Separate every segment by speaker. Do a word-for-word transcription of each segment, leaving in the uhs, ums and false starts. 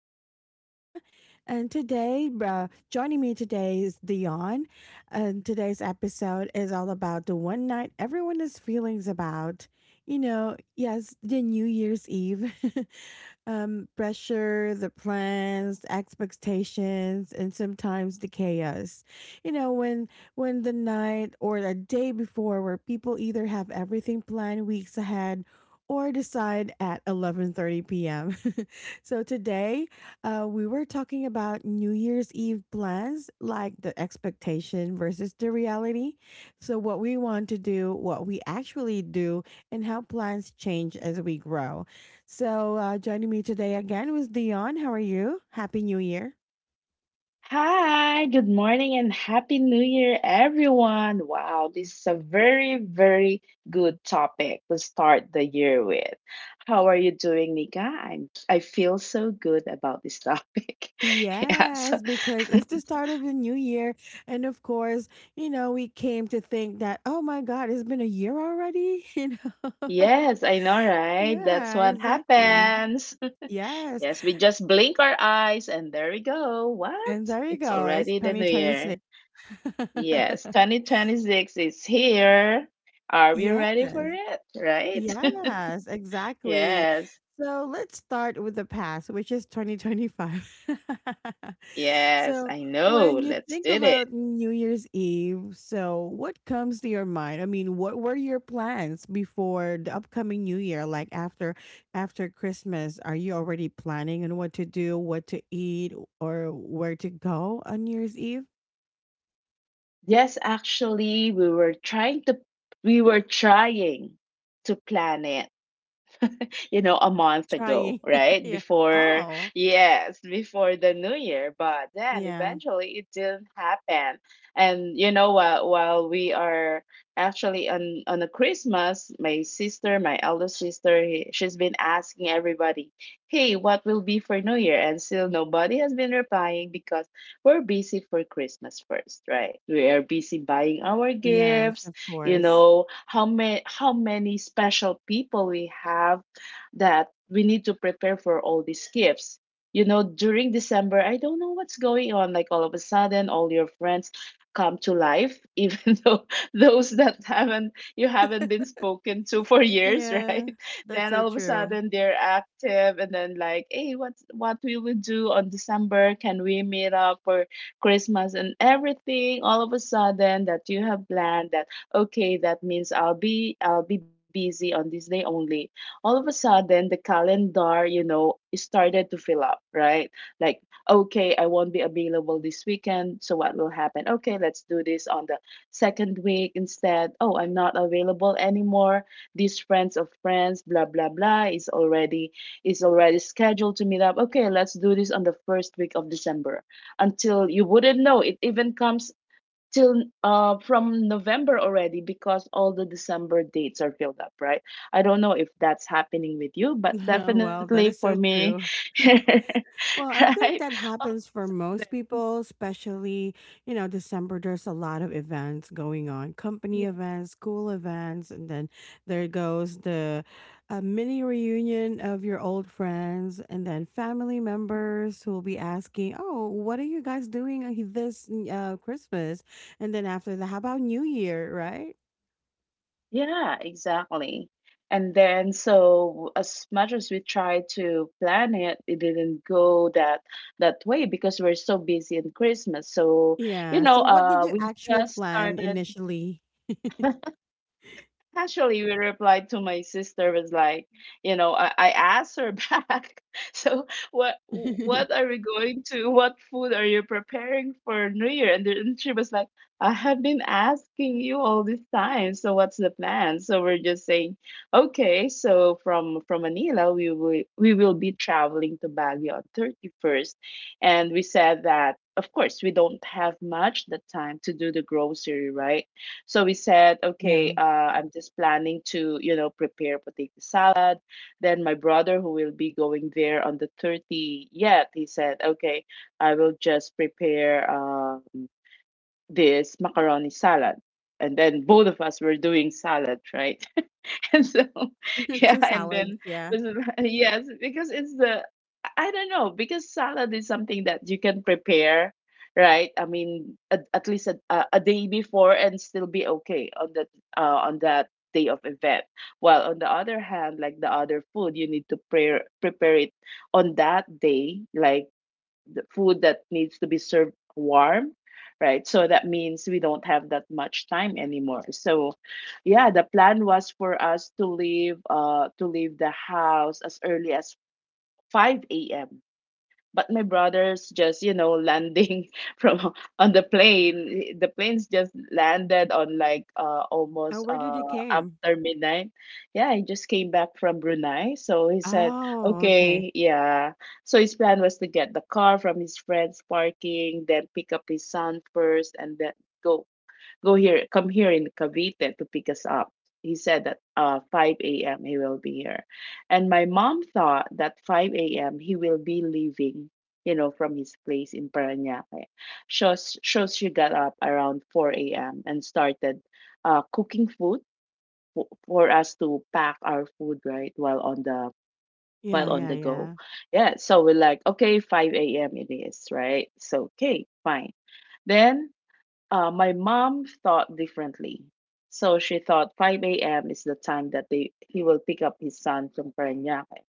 Speaker 1: your host, Nika. And today, uh, joining me today is Dion. And today's episode is all about the one night everyone is feelings about. You know, yes, the New Year's Eve. Um, pressure, the plans, expectations, and sometimes the chaos. You know, when when the night or the day before, where people either have everything planned weeks ahead or decide at eleven thirty p m so today, uh, we were talking about New Year's Eve plans, like the expectation versus the reality. So what we want to do, what we actually do, and how plans change as we grow. So, uh, joining me today again was Dion. How are you? Happy New Year.
Speaker 2: Hi, good morning and happy new year, everyone. Wow, this is a very, very good topic to start the year with. How are you doing, Nika? I'm, I feel so good about this topic. Yeah, so,
Speaker 1: Yes, because it's the start of the new year. And of course, you know, we came to think that, oh my God, it's been a year already. You know?
Speaker 2: yes, I know, right? That's
Speaker 1: yeah,
Speaker 2: what
Speaker 1: exactly.
Speaker 2: happens.
Speaker 1: Yes.
Speaker 2: Yes, we just blink our eyes and there we go. What?
Speaker 1: And there you
Speaker 2: It's
Speaker 1: go. It's
Speaker 2: already the new
Speaker 1: twenty twenty-six.
Speaker 2: year. Yes, twenty twenty-six is here. Are we
Speaker 1: yes.
Speaker 2: ready for it? Right?
Speaker 1: Yes, exactly.
Speaker 2: Yes.
Speaker 1: So let's start with the past, which is twenty twenty-five.
Speaker 2: Yes,
Speaker 1: so
Speaker 2: I know.
Speaker 1: when you
Speaker 2: Let's
Speaker 1: think
Speaker 2: do it.
Speaker 1: about New Year's Eve, so what comes to your mind? I mean, what were your plans before the upcoming New Year? Like after after Christmas, are you already planning on what to do, what to eat, or where to go on New Year's Eve?
Speaker 2: Yes, actually, we were trying to we were trying to plan it, you know, a month ago,
Speaker 1: Trying.
Speaker 2: right?
Speaker 1: yeah.
Speaker 2: Before,
Speaker 1: Oh.
Speaker 2: yes, before the new year, but then
Speaker 1: Yeah.
Speaker 2: eventually it didn't happen. And you know what, while we are actually on on a Christmas, my sister, my eldest sister, he, she's been asking everybody, "Hey, what will be for New Year?" And still nobody has been replying because we're busy for Christmas first, right? We are busy buying our
Speaker 1: Yes,
Speaker 2: gifts,
Speaker 1: of
Speaker 2: you
Speaker 1: course.
Speaker 2: know, how many how many special people we have that we need to prepare for all these gifts. You know, during December, I don't know what's going on. Like all of a sudden, all your friends come to life, even though those that haven't you haven't been spoken to for years,
Speaker 1: Yeah,
Speaker 2: right?
Speaker 1: that's
Speaker 2: Then
Speaker 1: so
Speaker 2: all of a
Speaker 1: true.
Speaker 2: sudden they're active, and then like, hey, what what we will do on December, can we meet up for Christmas? And everything, all of a sudden that you have planned, that okay, that means i'll be i'll be busy on this day only. All of a sudden the calendar, you know, it started to fill up, right? Like, okay, I won't be available this weekend, so what will happen? Okay, let's do this on the second week instead. Oh, I'm not available anymore. These friends of friends blah blah blah is already, is already scheduled to meet up. Okay, let's do this on the first week of December. Until you wouldn't know it even comes till uh from November already because all the December dates are filled up, right? I don't know if that's happening with you, but
Speaker 1: Well, that
Speaker 2: definitely
Speaker 1: is
Speaker 2: for
Speaker 1: so
Speaker 2: me.
Speaker 1: true. Well, I think
Speaker 2: Right.
Speaker 1: that
Speaker 2: Oh,
Speaker 1: happens for
Speaker 2: it's up
Speaker 1: most
Speaker 2: there.
Speaker 1: people, especially, you know, December, there's a lot of events going on, company
Speaker 2: Yeah.
Speaker 1: events, school events, and then there goes the uh, mini reunion of your old friends, and then family members who will be asking, oh, what are you guys doing uh, this uh, Christmas? And then after that, how about New Year, right?
Speaker 2: Yeah, exactly. And then, so as much as we tried to plan it, it didn't go that that way because we're so busy in Christmas. So, you
Speaker 1: Yeah.
Speaker 2: know,
Speaker 1: So, what did
Speaker 2: uh,
Speaker 1: you
Speaker 2: we
Speaker 1: actual
Speaker 2: just
Speaker 1: plan
Speaker 2: started.
Speaker 1: initially?
Speaker 2: Actually, we replied to my sister. Was like, you know, I, I asked her back. So what what are we going to? What food are you preparing for New Year? And then, and she was like, I have been asking you all this time. So what's the plan? So we're just saying, okay. So from from Manila, we will we will be traveling to Baguio on thirty first, and we said that. Of course, we don't have much the time to do the grocery, right? So we said, okay,
Speaker 1: Yeah.
Speaker 2: uh, I'm just planning to, you know, prepare potato salad. Then my brother, who will be going there on the thirtieth, he said, okay, I will just prepare um, this macaroni salad. And then both of us were doing salad, right? And so, yeah,
Speaker 1: two
Speaker 2: and
Speaker 1: salads,
Speaker 2: then
Speaker 1: yeah.
Speaker 2: this is, yes, because it's the, I I don't know, because salad is something that you can prepare, right? I mean, at, at least a, a a day before, and still be okay on that, uh, on that day of event. While on the other hand, like the other food, you need to pre- prepare it on that day, like the food that needs to be served warm, right? So that means we don't have that much time anymore. So, yeah, the plan was for us to leave, uh to leave the house as early as five a.m, but my brother's, just, you know, landing from, on the plane, the planes just landed on like uh
Speaker 1: Oh,
Speaker 2: almost
Speaker 1: where did
Speaker 2: uh
Speaker 1: it came?
Speaker 2: after midnight. Yeah, he just came back from Brunei. So he said,
Speaker 1: Oh, okay.
Speaker 2: okay, yeah, so his plan was to get the car from his friend's parking, then pick up his son first, and then go. Go here, come here in Cavite to pick us up. He said that uh, five a m he will be here. And my mom thought that five a m he will be leaving, you know, from his place in Parañaque. So, s- so she got up around four a m and started uh, cooking food for, for us to pack our food, right, while on the, while
Speaker 1: Yeah,
Speaker 2: on
Speaker 1: yeah,
Speaker 2: the go.
Speaker 1: yeah.
Speaker 2: Yeah, so we're like, okay, five a m it is, right? So, okay, fine. Then uh, my mom thought differently. So she thought five a m is the time that they he will pick up his son from Parañaque.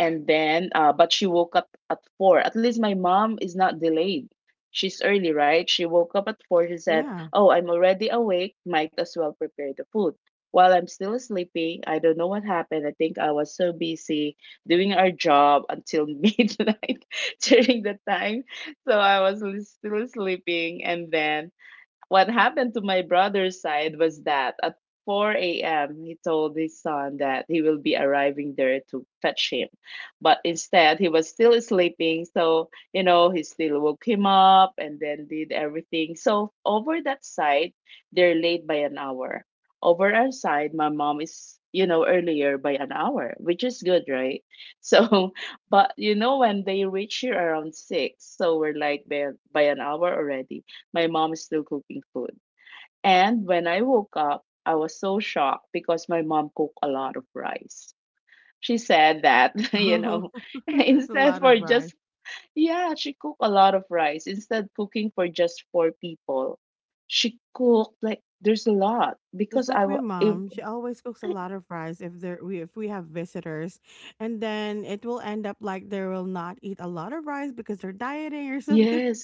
Speaker 2: And then, uh, but she woke up at four. At least my mom is not delayed. She's early, right? She woke up at four. She said,
Speaker 1: Yeah.
Speaker 2: oh, I'm already awake. Might as well prepare the food. While I'm still sleepy, I don't know what happened. I think I was so busy doing our job until midnight during the time. So I was li- still sleeping. And then what happened to my brother's side was that at four a m, he told his son that he will be arriving there to fetch him. But instead, he was still sleeping. So, you know, he still woke him up and then did everything. So, over that side, they're late by an hour. Over our side, my mom is, you know, earlier by an hour, which is good, right? So, but you know, when they reach here around six, so we're like, by, by an hour already, my mom is still cooking food. And when I woke up, I was so shocked because my mom cooked a lot of rice. She said that, you
Speaker 1: Oh,
Speaker 2: know,
Speaker 1: there's a
Speaker 2: instead
Speaker 1: lot of
Speaker 2: for
Speaker 1: rice.
Speaker 2: just, yeah, she cooked a lot of rice. Instead cooking for just four people, she cooked like there's a lot
Speaker 1: It's
Speaker 2: because
Speaker 1: like
Speaker 2: I,
Speaker 1: my
Speaker 2: wa- if,
Speaker 1: mom, she always cooks a lot of rice if there we if we have visitors. And then it will end up like they will not eat a lot of rice because they're dieting or something.
Speaker 2: yes,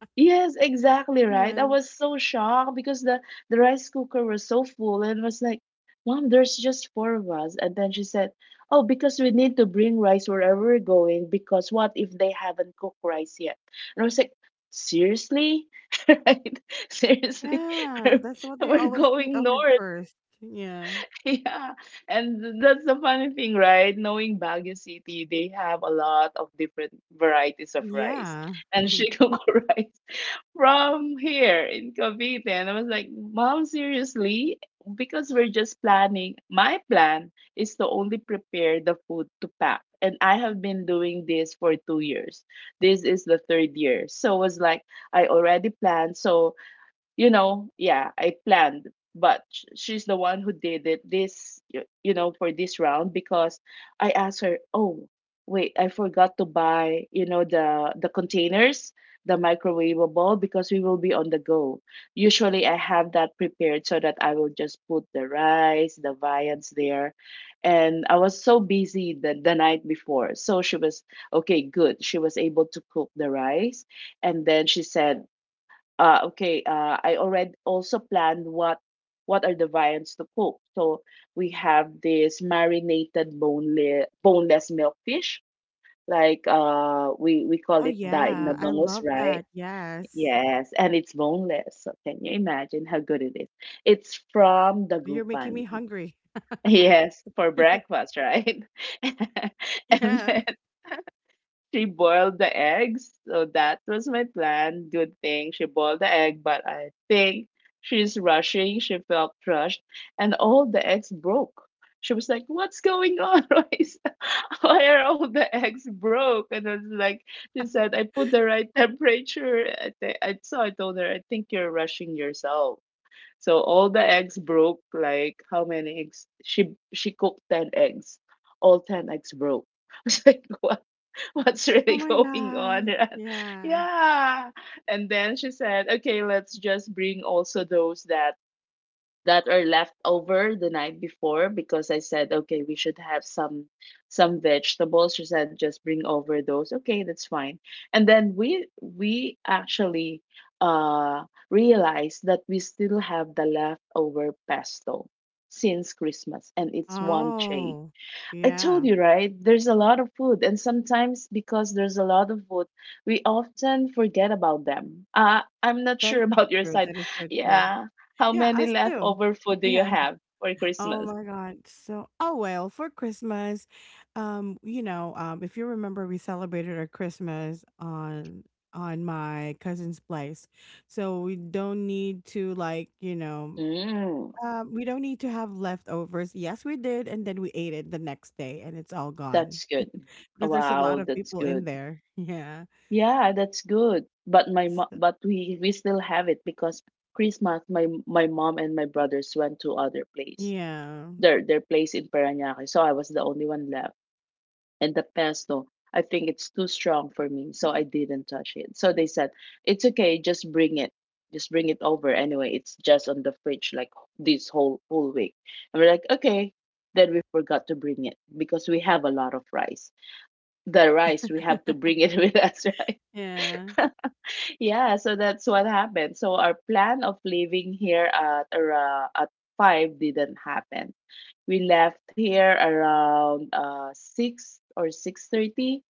Speaker 2: yes, exactly, right? I
Speaker 1: Yeah.
Speaker 2: was so shocked because the, the rice cooker was so full, and was like, "Mom, there's just four of us." And then she said, "Oh, because we need to bring rice wherever we're going, because what if they haven't cooked rice yet?" And I was like, "Seriously? Right? Seriously?
Speaker 1: Yeah,
Speaker 2: We're,
Speaker 1: that's what they
Speaker 2: we're
Speaker 1: always think
Speaker 2: going
Speaker 1: of it
Speaker 2: north."
Speaker 1: first. Yeah.
Speaker 2: Yeah. And that's the funny thing, right? Knowing Baguio City, they have a lot of different varieties of rice.
Speaker 1: Yeah.
Speaker 2: And she cooked rice from here in Cavite. And I was like, Mom, seriously? Because we're just planning. My plan is to only prepare the food to pack. And I have been doing this for two years. This is the third year. So it was like, I already planned. So, you know, yeah, I planned, but sh- she's the one who did it this, y- you know, for this round because I asked her, oh, wait, I forgot to buy, you know, the the containers, the microwavable, because we will be on the go. Usually I have that prepared so that I will just put the rice, the viands there. And I was so busy the, the night before. So she was okay, good. She was able to cook the rice. And then she said, uh, okay, uh, I already also planned what what are the variants to cook. So we have this marinated boneless boneless milkfish, like uh, we we call
Speaker 1: Oh
Speaker 2: it daing na
Speaker 1: yeah, I
Speaker 2: bangus,
Speaker 1: love
Speaker 2: right?
Speaker 1: that. Yes.
Speaker 2: Yes, and it's boneless. So can you imagine how good it is? It's from
Speaker 1: You're making
Speaker 2: Dagupan.
Speaker 1: me hungry.
Speaker 2: Yes, for breakfast, right? And
Speaker 1: Yeah.
Speaker 2: she boiled the eggs. So that was my plan. Good thing she boiled the egg, but I think she's rushing. She felt crushed, and all the eggs broke. She was like, what's going on, Royce? Why are all the eggs broke? And I was like, she said, I put the right temperature. I, th- I So I told her, I think you're rushing yourself. So all the eggs broke. Like, how many eggs? She she cooked ten eggs. All ten eggs broke. I was like, wow. What's
Speaker 1: Oh
Speaker 2: really
Speaker 1: my
Speaker 2: going on?
Speaker 1: god. Yeah.
Speaker 2: Yeah. And then she said, okay, let's just bring also those that that are left over the night before, because I said, okay, we should have some, some vegetables. She said, just bring over those, okay, that's fine. And then we we actually uh realized that we still have the leftover pesto since Christmas, and it's one tray.
Speaker 1: Oh,
Speaker 2: I told
Speaker 1: yeah.
Speaker 2: you, right? There's a lot of food, and sometimes because there's a lot of food, we often forget about them. Uh, I'm not
Speaker 1: That is
Speaker 2: sure
Speaker 1: so
Speaker 2: about your
Speaker 1: true.
Speaker 2: side.
Speaker 1: That is so true.
Speaker 2: Yeah. How
Speaker 1: Yeah,
Speaker 2: many
Speaker 1: us too.
Speaker 2: leftover food do you
Speaker 1: Yeah.
Speaker 2: have for
Speaker 1: Oh
Speaker 2: Christmas?
Speaker 1: my god. So, oh well, for Christmas, um, you know, um, if you remember, we celebrated our Christmas on on my cousin's place, so we don't need to like, you know,
Speaker 2: Mm,
Speaker 1: um, we don't need to have leftovers. Yes, we did, and then we ate it the next day, and it's all gone.
Speaker 2: that's good.
Speaker 1: Because there's a lot
Speaker 2: Wow,
Speaker 1: of
Speaker 2: that's
Speaker 1: people in
Speaker 2: good.
Speaker 1: there. Yeah.
Speaker 2: Yeah, that's good. But my mo-
Speaker 1: S-
Speaker 2: but we we still have it because Christmas my my mom and my brothers went to other place.
Speaker 1: Yeah.
Speaker 2: Their their place in Parañaque, so I was the only one left. And the pesto, I think it's too strong for me, so I didn't touch it. So they said, "It's okay, just bring it. Just bring it over anyway. It's just on the fridge like this whole whole week." And we're like, "Okay." Then we forgot to bring it because we have a lot of rice. The rice we have to bring it with us, right?
Speaker 1: Yeah.
Speaker 2: Yeah, so that's what happened. So our plan of leaving here at around at five didn't happen. We left here around uh six or six thirty,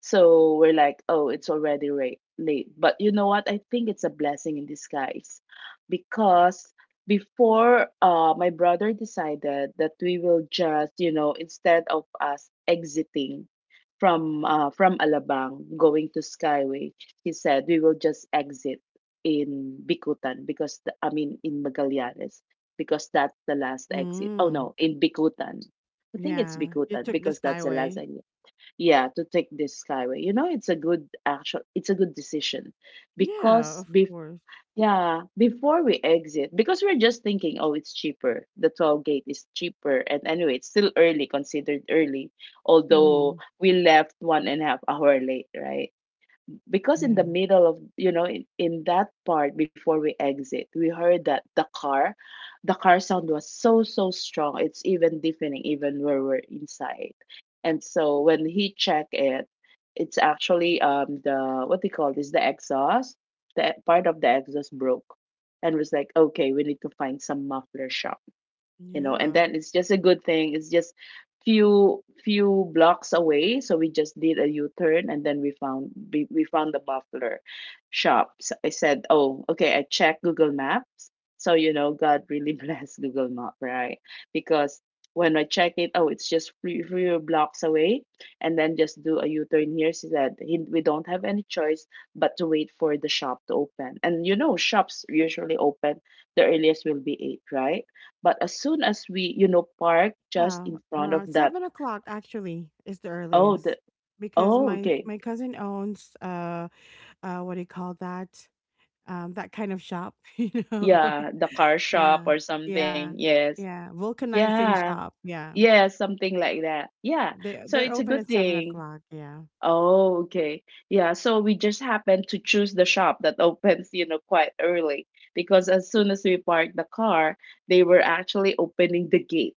Speaker 2: so we're like, oh, it's already ra- late. But you know what? I think it's a blessing in disguise because before, uh, my brother decided that we will just, you know, instead of us exiting from uh, from Alabang going to Skyway, he said we will just exit in Bikutan because the, I mean in Magallanes, because that's the last exit. Oh
Speaker 1: Mm.
Speaker 2: no, in Bikutan. I think it's
Speaker 1: Yeah. You
Speaker 2: Bikutan
Speaker 1: took the
Speaker 2: because that's the last
Speaker 1: Skyway.
Speaker 2: exit, yeah, to take this Skyway. you know it's a good actual. It's a good decision
Speaker 1: Yeah,
Speaker 2: because
Speaker 1: of
Speaker 2: bef-
Speaker 1: course.
Speaker 2: yeah, before we exit, because we're just thinking, oh, it's cheaper, the toll gate is cheaper, and anyway it's still early, considered early, although
Speaker 1: Hmm.
Speaker 2: we left one and a half hour late, right? Because in the
Speaker 1: Yeah.
Speaker 2: middle of, you know in, in that part before we exit, we heard that the car the car sound was so so strong, it's even deafening even where we're inside. And so when he checked it, it's actually um the, what they call this, the exhaust, the part of the exhaust broke. And was like, okay, we need to find some muffler shop you know And
Speaker 1: Yeah.
Speaker 2: then it's just a good thing, it's just few few blocks away, so we just did a U-turn, and then we found we, we found the buffalo shop. So I said, "Oh, okay, I checked Google Maps." So you know God really blessed Google Map, right? Because when I check it, oh, it's just few, few blocks away, and then just do a U-turn here. So that he, we don't have any choice but to wait for the shop to open. And you know shops usually open, the earliest will be eight, right? But as soon as we, you know, park just
Speaker 1: Yeah.
Speaker 2: in front of
Speaker 1: Around
Speaker 2: that,
Speaker 1: seven o'clock actually is the
Speaker 2: oh,
Speaker 1: earliest.
Speaker 2: the,
Speaker 1: Because
Speaker 2: oh,
Speaker 1: my
Speaker 2: okay.
Speaker 1: my cousin owns uh uh what do you call that? Um, that kind of shop, you know.
Speaker 2: Yeah, the car shop
Speaker 1: yeah.
Speaker 2: or something.
Speaker 1: Yeah.
Speaker 2: Yes.
Speaker 1: Yeah. Vulcanizing
Speaker 2: Yeah.
Speaker 1: shop. Yeah.
Speaker 2: Yeah, something like that. Yeah.
Speaker 1: They
Speaker 2: So
Speaker 1: they're
Speaker 2: it's a
Speaker 1: open
Speaker 2: good
Speaker 1: at seven
Speaker 2: thing.
Speaker 1: o'clock, yeah.
Speaker 2: Oh, okay. Yeah. So we just happen to choose the shop that opens, you know, quite early, because as soon as we parked the car, they were actually opening the gate,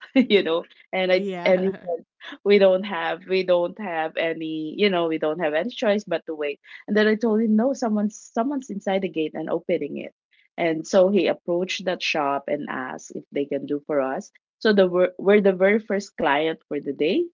Speaker 2: you know and I and he
Speaker 1: Yeah.
Speaker 2: said, we don't have we don't have any you know we don't have any choice but to wait. And then I told him, no, someone's someone's inside the gate and opening it. And so he approached that shop and asked if they can do for us. So the we're, we're the very first client for the day.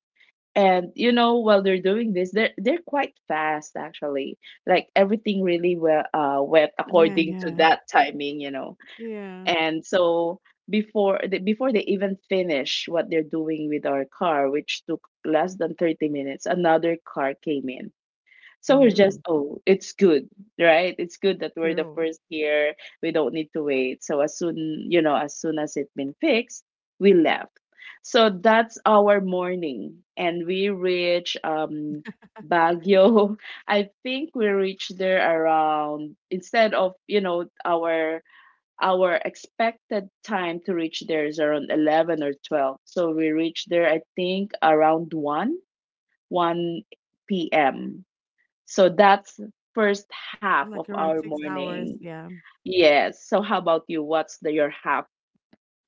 Speaker 2: And you know while they're doing this, they're they're quite fast actually, like everything really well uh went
Speaker 1: Yeah,
Speaker 2: according to
Speaker 1: yeah,
Speaker 2: that timing you know
Speaker 1: yeah.
Speaker 2: And so before they, before they even finish what they're doing with our car, which took less than thirty minutes, another car came in. So we're just,
Speaker 1: Mm,
Speaker 2: oh, it's good, right? It's good that we're the
Speaker 1: true.
Speaker 2: first here. We don't need to wait. So as soon, you know, as soon as it been fixed, we left. So that's our morning. And we reach um Baguio. I think we reached there around, instead of, you know, our our expected time to reach there is around eleven or twelve. So we reached there I think around one, one p m. So that's first half of
Speaker 1: Like around
Speaker 2: our
Speaker 1: six hours.
Speaker 2: morning.
Speaker 1: Yeah.
Speaker 2: Yes. So how about you? What's the your half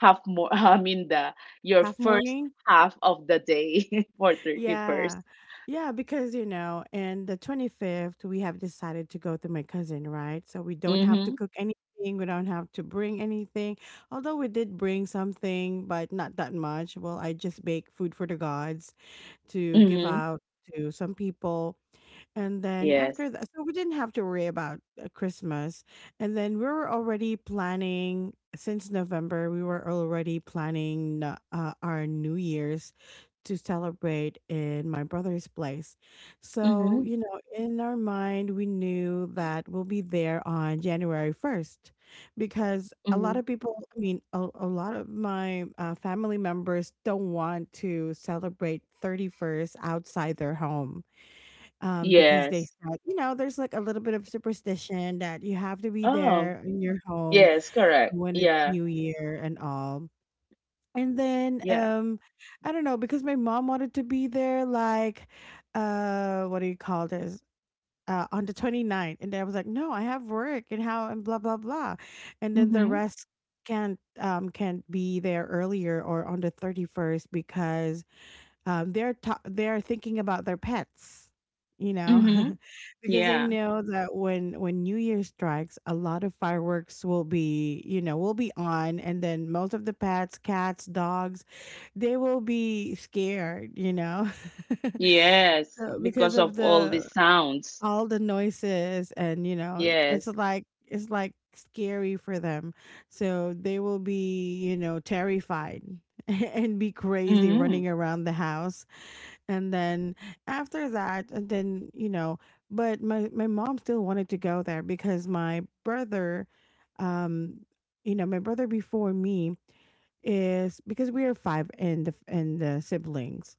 Speaker 2: half more I mean the your
Speaker 1: Half
Speaker 2: first
Speaker 1: morning.
Speaker 2: half of the day for thirty-first?
Speaker 1: Yeah. Yeah. Because, you know, and the twenty-fifth, we have decided to go to my cousin, right? So we don't have to
Speaker 2: Mhm.
Speaker 1: cook anything. We don't have to bring anything. Although we did bring something, but not that much. Well, I just bake food for the gods to give
Speaker 2: Mhm.
Speaker 1: out to some people. And then
Speaker 2: Yes.
Speaker 1: after that, so we didn't have to worry about uh, Christmas. And then we were already planning since November. We were already planning uh, uh, our New Year's to celebrate in my brother's place. So
Speaker 2: Mhm.
Speaker 1: you know, in our mind, we knew that we'll be there on January first, because a lot
Speaker 2: Mhm.
Speaker 1: of people, I mean, a, a lot of my uh, family members don't want to celebrate thirty first outside their home um, because they
Speaker 2: Yes.
Speaker 1: said, you know, there's like a little bit of superstition that you have to be
Speaker 2: Oh,
Speaker 1: there in your home
Speaker 2: yes, correct.
Speaker 1: when it's
Speaker 2: Yeah.
Speaker 1: New Year and all. And then
Speaker 2: Yeah.
Speaker 1: um, I don't know because my mom wanted to be there, like, uh, what do you call this? Uh, on the 29th, and then I was like, no, I have work and how and blah blah blah, and then the
Speaker 2: Mhm.
Speaker 1: rest can't um can't be there earlier or on the thirty-first because um, they're ta- they're thinking about their pets, you know.
Speaker 2: Mhm.
Speaker 1: Because they
Speaker 2: Yeah.
Speaker 1: know that when when New Year strikes, a lot of fireworks will be you know will be on, and then most of the pets, cats, dogs, they will be scared, you know.
Speaker 2: Yes,
Speaker 1: So because
Speaker 2: because of
Speaker 1: of
Speaker 2: all the
Speaker 1: the
Speaker 2: sounds.
Speaker 1: all the noises, and you know it's
Speaker 2: Yes.
Speaker 1: like it's like scary for them, so they will be you know terrified and be crazy
Speaker 2: Mhm.
Speaker 1: running around the house. And then after that, and then you know, but my my mom still wanted to go there because my brother, um you know, my brother before me is, because we are five in the in the siblings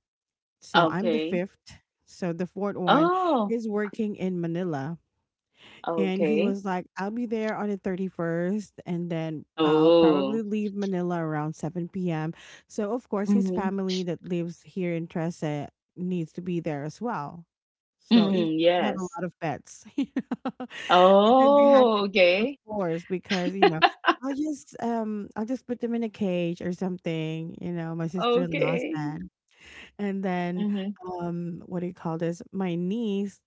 Speaker 1: so I'm the
Speaker 2: Okay.
Speaker 1: fifth, so the fourth one
Speaker 2: Oh,
Speaker 1: is working in Manila. And he
Speaker 2: okay.
Speaker 1: was like, I'll be there on the thirty-first, and then I'll probably
Speaker 2: Oh.
Speaker 1: leave Manila around seven p m. So, of course, his
Speaker 2: Mhm.
Speaker 1: family that lives here in Trece needs to be there as well. So, even
Speaker 2: Mm,
Speaker 1: if they have a
Speaker 2: yes.
Speaker 1: lot of pets, you know, but then they had
Speaker 2: Oh,
Speaker 1: to, they were
Speaker 2: okay.
Speaker 1: forced because, you know, I'll just, um, I'll just put them in a cage or something, you know, my sister-in-law
Speaker 2: Okay.
Speaker 1: said. And then,
Speaker 2: Mhm.
Speaker 1: um, what do you call this? My niece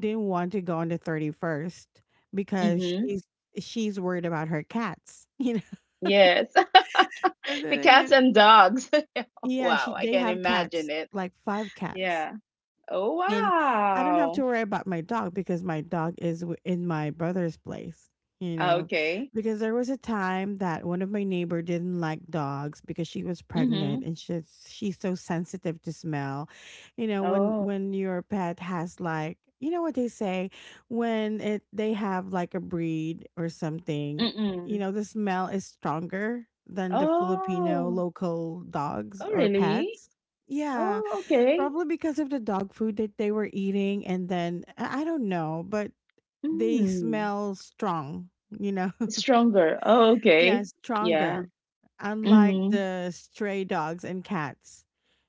Speaker 1: didn't want to go on the thirty-first because
Speaker 2: Mhm.
Speaker 1: she's she's worried about her cats, you know.
Speaker 2: Yes.
Speaker 1: And
Speaker 2: The
Speaker 1: then
Speaker 2: cats
Speaker 1: again,
Speaker 2: and dogs.
Speaker 1: yeah,
Speaker 2: Wow,
Speaker 1: she
Speaker 2: I
Speaker 1: they
Speaker 2: can
Speaker 1: have
Speaker 2: imagine
Speaker 1: cats,
Speaker 2: it.
Speaker 1: like five cats.
Speaker 2: Yeah. Oh,
Speaker 1: And I don't have to
Speaker 2: wow.
Speaker 1: worry about my dog because my dog is w- in my brother's place, you know.
Speaker 2: Okay.
Speaker 1: Because there was a time that one of my neighbor didn't like dogs because she was pregnant
Speaker 2: Mhm.
Speaker 1: and she's she's so sensitive to smell. You know, when
Speaker 2: Oh.
Speaker 1: when your pet has like you know what they say when it they have like a breed or something, you
Speaker 2: Mm-mm.
Speaker 1: know, the smell is stronger than the Filipino
Speaker 2: Oh.
Speaker 1: local dogs
Speaker 2: Oh,
Speaker 1: or
Speaker 2: really?
Speaker 1: pets. Yeah,
Speaker 2: Oh, okay.
Speaker 1: probably because of the dog food that they were eating, and then I I don't know, but they
Speaker 2: Mm.
Speaker 1: smell strong, you know?
Speaker 2: Stronger. Oh,
Speaker 1: Yeah,
Speaker 2: okay. Yeah.
Speaker 1: stronger. Unlike
Speaker 2: Mhm.
Speaker 1: the stray dogs and cats,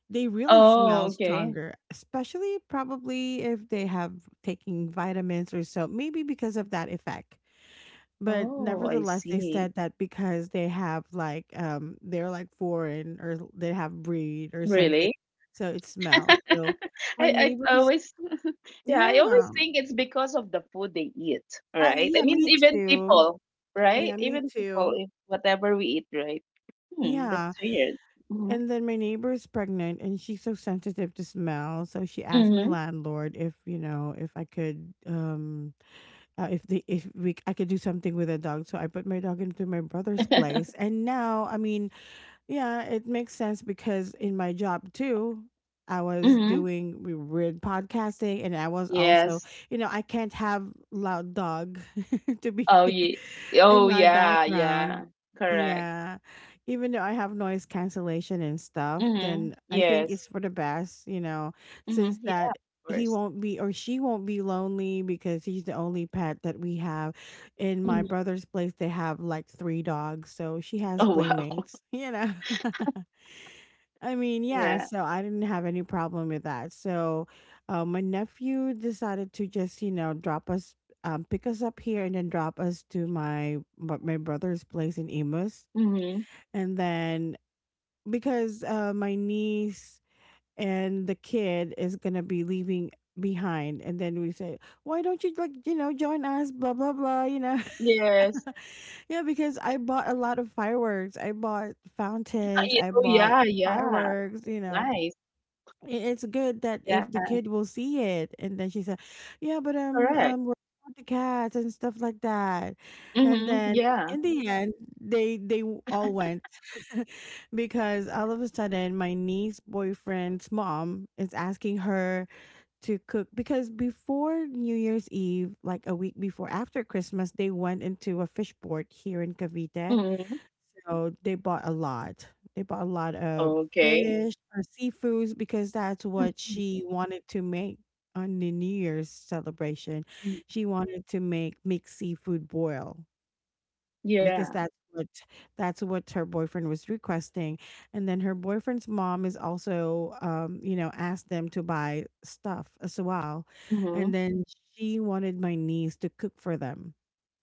Speaker 1: they really
Speaker 2: Oh,
Speaker 1: smell
Speaker 2: okay.
Speaker 1: stronger, especially probably if they have taking vitamins or so, maybe because of that effect. But
Speaker 2: Oh, I
Speaker 1: nevertheless, they
Speaker 2: see.
Speaker 1: said that because they have like, um, they're like foreign or they have breed or something.
Speaker 2: Really?
Speaker 1: So it smells. So my
Speaker 2: I I
Speaker 1: neighbors.
Speaker 2: always yeah, I always
Speaker 1: Yeah.
Speaker 2: think it's because of the food they eat,
Speaker 1: Uh,
Speaker 2: right? I
Speaker 1: yeah,
Speaker 2: mean,
Speaker 1: me
Speaker 2: even
Speaker 1: too.
Speaker 2: people, right?
Speaker 1: Yeah, me
Speaker 2: Even people,
Speaker 1: too.
Speaker 2: if whatever we eat, right? Hmm, that's
Speaker 1: Yeah.
Speaker 2: weird. Mm-hmm.
Speaker 1: And then my neighbor is pregnant and she's so sensitive to smell. So she asked my
Speaker 2: Mm-hmm.
Speaker 1: landlord if, you know, if I could um uh, if they if we I could do something with a dog. So I put my dog into my brother's place. And now, I mean, yeah, it makes sense because in my job too, I was
Speaker 2: Mm-hmm.
Speaker 1: doing w- weird podcasting and I was also,
Speaker 2: Yes.
Speaker 1: you know, I can't have loud dog to be
Speaker 2: Oh, yeah.
Speaker 1: in
Speaker 2: Oh
Speaker 1: my
Speaker 2: yeah,
Speaker 1: background.
Speaker 2: yeah. Correct.
Speaker 1: Yeah. Even though I have noise cancellation and stuff,
Speaker 2: Mm-hmm.
Speaker 1: then I think it's
Speaker 2: Yes.
Speaker 1: for the best, you know,
Speaker 2: Mm-hmm.
Speaker 1: since
Speaker 2: Yeah,
Speaker 1: that
Speaker 2: of
Speaker 1: he
Speaker 2: course.
Speaker 1: won't be or she won't be lonely because he's the only pet that we have. In my
Speaker 2: Mhm.
Speaker 1: brother's place they have like three dogs, so she has
Speaker 2: Oh wow.
Speaker 1: playmates, you know. I mean, yeah,
Speaker 2: Yeah.
Speaker 1: so I didn't have any problem with that. So, uh, my nephew decided to just you know drop us, um, pick us up here and then drop us to my my my brother's place in emus
Speaker 2: Mm-hmm.
Speaker 1: and then because uh, my niece and the kid is gonna be leaving behind, and then we say, why don't you like you know join us blah blah blah you know.
Speaker 2: Yes.
Speaker 1: Yeah, because I bought a lot of fireworks. I bought fountains. I
Speaker 2: Oh
Speaker 1: bought
Speaker 2: yeah, yeah.
Speaker 1: fireworks. You know,
Speaker 2: Nice.
Speaker 1: I- it's good that
Speaker 2: Yeah,
Speaker 1: if the kid will see it. And then she said, "Yeah, but um,
Speaker 2: correct.
Speaker 1: um, we're with the cats and stuff like that." And
Speaker 2: Mhm,
Speaker 1: then
Speaker 2: yeah.
Speaker 1: in the end, they they w- all went because all of a sudden, my niece boyfriend's mom is asking her to cook because before New Year's Eve, like a week before after Christmas, they went into a fish port here in Cavite,
Speaker 2: Mhm.
Speaker 1: so they bought a lot. They bought a lot of
Speaker 2: Okay.
Speaker 1: fish or seafoods because that's what
Speaker 2: Mhm,
Speaker 1: she wanted to make on the New Year's celebration.
Speaker 2: mm.
Speaker 1: She wanted to make mixed seafood boil
Speaker 2: Yeah.
Speaker 1: because that's what that's what her boyfriend was requesting. And then her boyfriend's mom is also um, you know, asked them to buy stuff as well.
Speaker 2: Mhm.
Speaker 1: And then she wanted my niece to cook for them,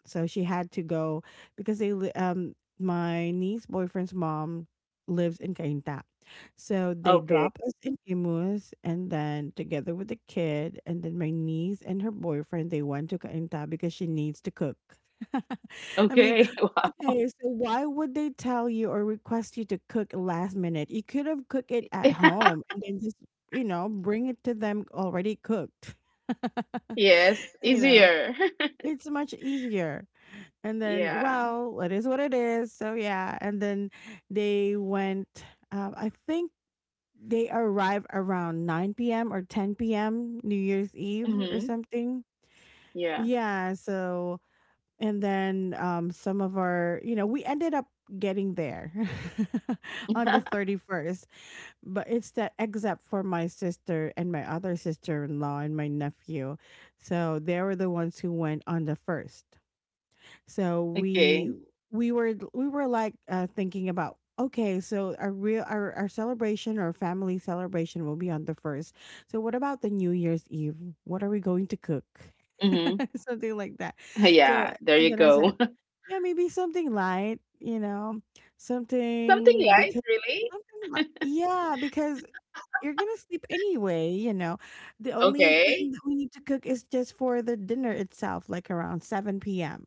Speaker 1: so she had to go because they li- um my niece boyfriend's mom lives in Cainta. So they
Speaker 2: Okay.
Speaker 1: drop us in Imus and then together with the kid and then my niece and her boyfriend, they went to Cainta because she needs to cook. I mean,
Speaker 2: Okay.
Speaker 1: okay, so why would they tell you or request you to cook last minute? You could have cooked it at home and then just, you know, bring it to them already cooked.
Speaker 2: Yes,
Speaker 1: You know,
Speaker 2: easier.
Speaker 1: it's much easier. And then,
Speaker 2: Yeah.
Speaker 1: well, it is what it is. So yeah. And then they went. Um, I think they arrived around nine p m or ten p m. New Year's Eve or
Speaker 2: Mhm.
Speaker 1: something.
Speaker 2: Yeah.
Speaker 1: Yeah. So and then um, some of our, you know, we ended up getting there on the thirty first. But it's that except for my sister and my other sister in law and my nephew. So they were the ones who went on the first. So we
Speaker 2: Okay.
Speaker 1: we were we were like uh, thinking about, okay, so our real our, our celebration or family celebration will be on the first. So what about the New Year's Eve? What are we going to cook?
Speaker 2: Mhm.
Speaker 1: Something like that.
Speaker 2: Yeah,
Speaker 1: So
Speaker 2: there you
Speaker 1: and then I
Speaker 2: go.
Speaker 1: said, yeah, maybe something light, you know,
Speaker 2: Something
Speaker 1: something
Speaker 2: light,
Speaker 1: because
Speaker 2: really?
Speaker 1: something li- yeah, because you're gonna sleep anyway, you know. The only thing
Speaker 2: Okay.
Speaker 1: that we need to cook is just for the dinner itself, like around seven p m.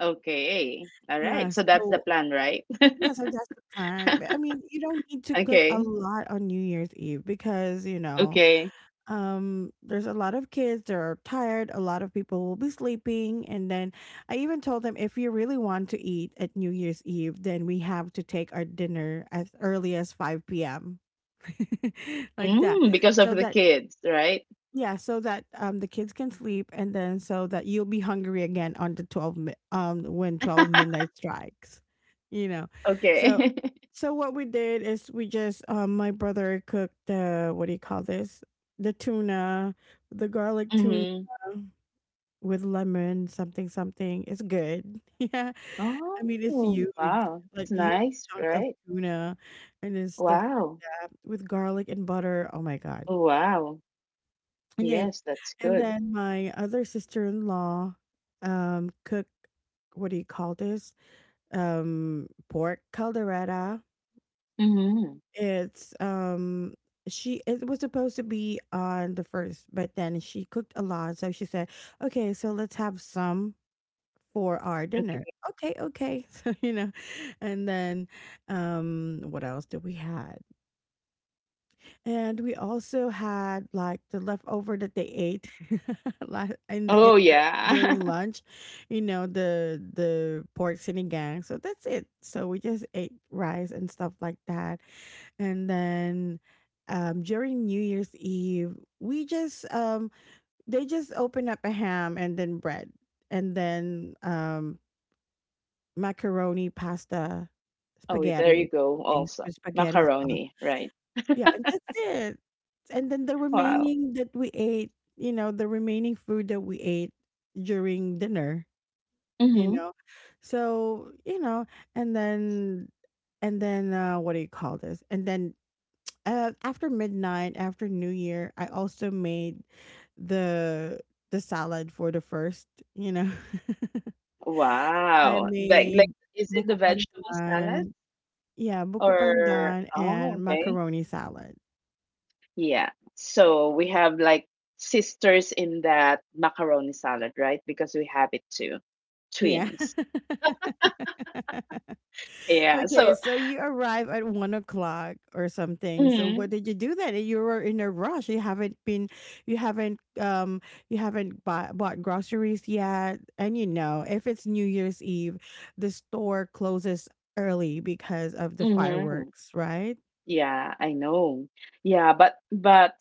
Speaker 2: Okay. All
Speaker 1: Yeah,
Speaker 2: right. So that's the
Speaker 1: so
Speaker 2: plan, right?
Speaker 1: yeah, so that's the plan. But I mean, you don't need to cook a
Speaker 2: Okay.
Speaker 1: lot on New Year's Eve because, you know,
Speaker 2: Okay.
Speaker 1: um, there's a lot of kids that are tired, a lot of people will be sleeping. And then I even told them if you really want to eat at New Year's Eve, then we have to take our dinner as early as five p m Like that.
Speaker 2: Mm, because of
Speaker 1: So
Speaker 2: the
Speaker 1: that
Speaker 2: kids, right?
Speaker 1: yeah, so that um the kids can sleep, and then so that you'll be hungry again on the twelve mi- um when twelve midnight strikes, you know. So,
Speaker 2: Okay.
Speaker 1: so what we did is, we just um my brother cooked the, what do you call this, the tuna, the garlic tuna
Speaker 2: Mhm.
Speaker 1: with lemon something something. It's good. Yeah, I mean it's
Speaker 2: Oh,
Speaker 1: huge,
Speaker 2: wow.
Speaker 1: like
Speaker 2: That's
Speaker 1: huge
Speaker 2: nice,
Speaker 1: chunk of
Speaker 2: right?
Speaker 1: tuna, and then stuff like
Speaker 2: Wow.
Speaker 1: that with garlic and butter. Oh my god,
Speaker 2: Oh, wow.
Speaker 1: and then
Speaker 2: Yes, that's
Speaker 1: and
Speaker 2: good.
Speaker 1: then My other sister-in-law um cooked, what do you call this? Um Pork caldereta.
Speaker 2: Mm-hmm.
Speaker 1: It's um She, it was supposed to be on the first, but then she cooked a lot, so she said, "Okay, so let's have some for our dinner."
Speaker 2: Okay.
Speaker 1: Okay, okay. So, you know, and then um what else did we have? And we also had like the leftover that they ate la- in, in
Speaker 2: Oh,
Speaker 1: the,
Speaker 2: yeah.
Speaker 1: during lunch, you know, the the pork sinigang. So that's it. So we just ate rice and stuff like that. And then um, during New Year's Eve, we just um, they just opened up a ham and then bread and then um, macaroni, pasta,
Speaker 2: Oh, there
Speaker 1: spaghetti,
Speaker 2: you
Speaker 1: and
Speaker 2: go.
Speaker 1: things
Speaker 2: Also,
Speaker 1: with spaghetti sauce.
Speaker 2: macaroni, right?
Speaker 1: Yeah, and that's it. And then the
Speaker 2: Wow.
Speaker 1: remaining that we ate, you know, the remaining food that we ate during dinner, you
Speaker 2: Mm-hmm.
Speaker 1: know. So, you know, and then and then uh what do you call this? And then uh, after midnight, after New Year, I also made the the salad for the first, you know. I
Speaker 2: Wow. Like,
Speaker 1: made
Speaker 2: like, is it
Speaker 1: buko
Speaker 2: the vegetable salad
Speaker 1: pandan, yeah, buko
Speaker 2: or?
Speaker 1: pandan
Speaker 2: Oh,
Speaker 1: and
Speaker 2: okay.
Speaker 1: macaroni salad.
Speaker 2: Yeah. So we have like sisters in that macaroni salad, right? Because we have it too,
Speaker 1: Yeah.
Speaker 2: twins. Yeah. So.
Speaker 1: Okay, so you arrive at one o'clock or something. So
Speaker 2: Mm-hmm.
Speaker 1: what did you do then? You were in a rush. You haven't been, you haven't, um, you haven't bought, bought groceries yet. And you know, if it's New Year's Eve, the store closes early because of the
Speaker 2: Mm-hmm.
Speaker 1: fireworks, right?
Speaker 2: Yeah, I know. Yeah, but but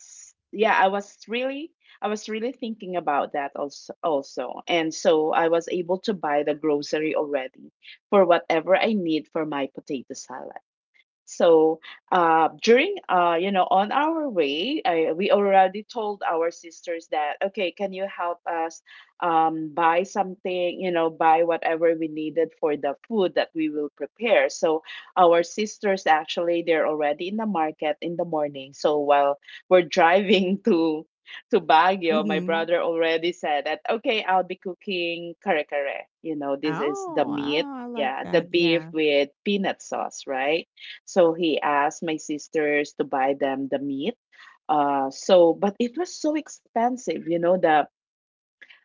Speaker 2: yeah, I was really I was really thinking about that also also. And so I was able to buy the grocery already for whatever I need for my potato salad. So uh, during, uh, you know, on our way, I, we already told our sisters that, okay, can you help us um, buy something, you know, buy whatever we needed for the food that we will prepare. So our sisters actually, they're already in the market in the morning. So while we're driving to to Baguio, my
Speaker 1: Mm-hmm.
Speaker 2: brother already said that, okay, I'll be cooking kare kare. You know, this is the
Speaker 1: Oh,
Speaker 2: meat.
Speaker 1: wow, I like
Speaker 2: Yeah, the
Speaker 1: that.
Speaker 2: beef
Speaker 1: Yeah.
Speaker 2: with peanut sauce, right? So he asked my sisters to buy them the meat. Uh, so, but it was so expensive, you know, the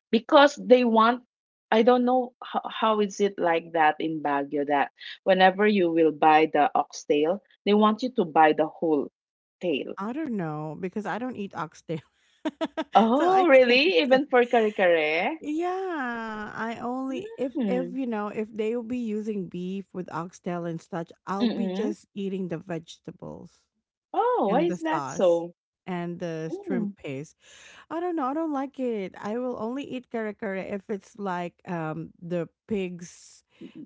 Speaker 2: because they want. I don't know how, how is it like that in Baguio, that whenever you will buy the oxtail, they want you to buy the whole tail.
Speaker 1: I don't know because I don't eat oxtail. So I
Speaker 2: Oh,
Speaker 1: can't
Speaker 2: really?
Speaker 1: say.
Speaker 2: Even for kare kare?
Speaker 1: Yeah, I only, if if
Speaker 2: Mm.
Speaker 1: you know, if they will be using beef with oxtail and such, I'll be
Speaker 2: Mm-mm.
Speaker 1: just eating the vegetables
Speaker 2: Oh, why
Speaker 1: and the
Speaker 2: is that
Speaker 1: sauce
Speaker 2: so?
Speaker 1: and the shrimp
Speaker 2: Mm.
Speaker 1: paste. I don't know. I don't like it. I will only eat kare kare if it's like um the pig's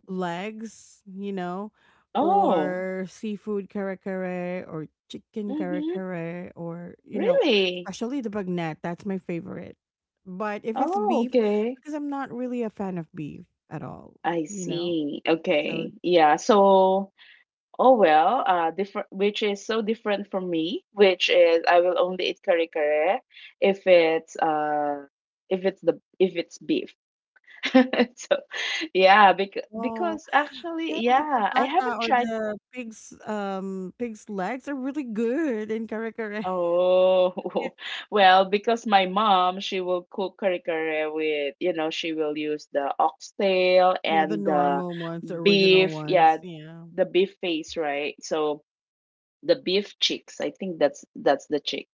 Speaker 1: legs, you know,
Speaker 2: Oh.
Speaker 1: or seafood kare kare or chicken kare
Speaker 2: Mm-hmm.
Speaker 1: kare, or you know,
Speaker 2: Really?
Speaker 1: especially the bagnet. That's my favorite. But if it's
Speaker 2: Oh,
Speaker 1: beef,
Speaker 2: okay.
Speaker 1: because I'm not really a fan of beef at all,
Speaker 2: I
Speaker 1: you know.
Speaker 2: see.
Speaker 1: So
Speaker 2: Okay. Yeah. So, oh well, uh different, which is so different from me, which is I will only eat kare kare if it's uh if it's the if it's beef. So, yeah, because
Speaker 1: no,
Speaker 2: because actually,
Speaker 1: yeah, but the
Speaker 2: yeah, I
Speaker 1: pata
Speaker 2: haven't
Speaker 1: or
Speaker 2: tried.
Speaker 1: the pig's um pig's legs are really good in kare kare.
Speaker 2: Oh, well, because my mom, she will cook kare kare with, you know, she will use the oxtail
Speaker 1: Yeah, the
Speaker 2: and the
Speaker 1: normal ones, the original
Speaker 2: beef, yeah,
Speaker 1: ones. Yeah.
Speaker 2: the beef face, right? So the beef chicks. I think that's that's the chick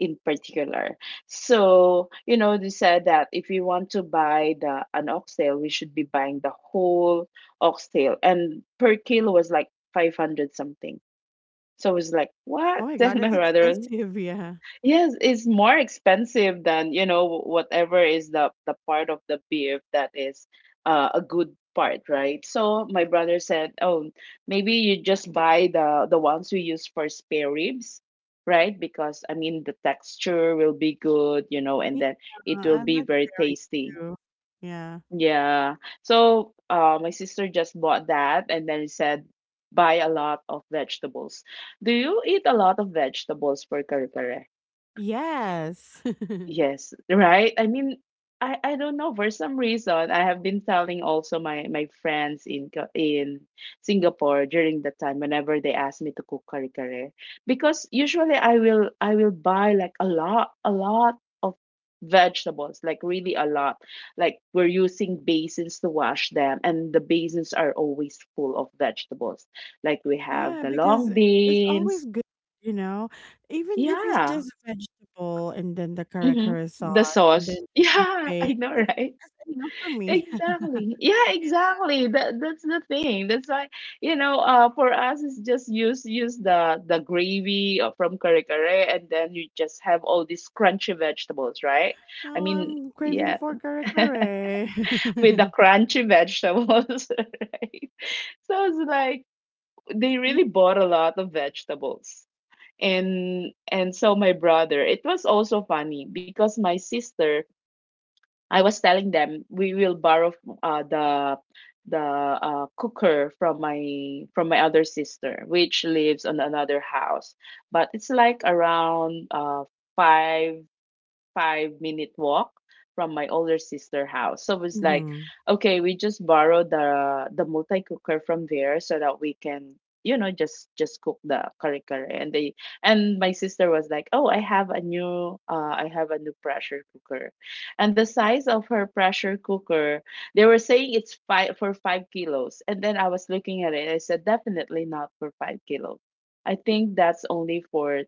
Speaker 2: in particular. So you know, they said that if we want to buy the an oxtail, we should be buying the whole oxtail, and per kilo was like five hundred something. So it was like, what?
Speaker 1: Oh my god,
Speaker 2: And my
Speaker 1: it's
Speaker 2: brother, was,
Speaker 1: expensive. Yeah.
Speaker 2: yes, it's more expensive than, you know, whatever is the the part of the beef that is uh, a good part, right? So my brother said, "Oh, maybe you just buy the the ones we use for spare ribs, right? Because I mean, the texture will be good, you know, and then it
Speaker 1: Yeah,
Speaker 2: will
Speaker 1: I
Speaker 2: be
Speaker 1: like
Speaker 2: very
Speaker 1: berries
Speaker 2: tasty."
Speaker 1: too. Yeah.
Speaker 2: Yeah. So, uh, my sister just bought that and then said, "Buy a lot of vegetables." Do you eat a lot of vegetables for kare kare?
Speaker 1: Yes.
Speaker 2: Yes, right? I mean, I I don't know, for some reason I have been telling also my my friends in Ka- in Singapore, during the time whenever they ask me to cook kare kare, because usually I will I will buy like a lot a lot of vegetables, like really a lot, like we're using basins to wash them, and the basins are always full of vegetables, like we have
Speaker 1: Yeah,
Speaker 2: the
Speaker 1: because
Speaker 2: long
Speaker 1: it's
Speaker 2: beans,
Speaker 1: always good, you know, even if it's
Speaker 2: yeah,
Speaker 1: just vegetable and then the kare
Speaker 2: hmm,
Speaker 1: kare sauce
Speaker 2: the
Speaker 1: and then
Speaker 2: sauce,
Speaker 1: the shrimp
Speaker 2: yeah,
Speaker 1: paste.
Speaker 2: I know,
Speaker 1: That's,
Speaker 2: right?
Speaker 1: that's enough for me.
Speaker 2: Exactly. Yeah, exactly. That that's the thing. That's why, you know, uh for us it's just use use the the gravy uh, from kare kare, and then you just have all these crunchy vegetables, right? I
Speaker 1: Now
Speaker 2: mean,
Speaker 1: I'm craving
Speaker 2: yeah.
Speaker 1: for kare-kare.
Speaker 2: With the crunchy vegetables, right? So it's like they
Speaker 1: Ye
Speaker 2: really bought a lot of vegetables. And and so my brother, it was also funny because my sister, I was telling them we will borrow uh, the the uh, cooker from my from my other sister, which lives on another house. But it's like around uh, five five minute walk from my older sister house. So it was like,
Speaker 1: mhm.
Speaker 2: okay, we just borrowed the the multi cooker from there so that we can, you know, just just cook the curry curry. And they and my sister was like, "Oh, I have a new uh, I have a new pressure cooker," and the size of her pressure cooker, they were saying it's five for five kilos. And then I was looking at it, I said, "Definitely not for five kilos. I think that's only for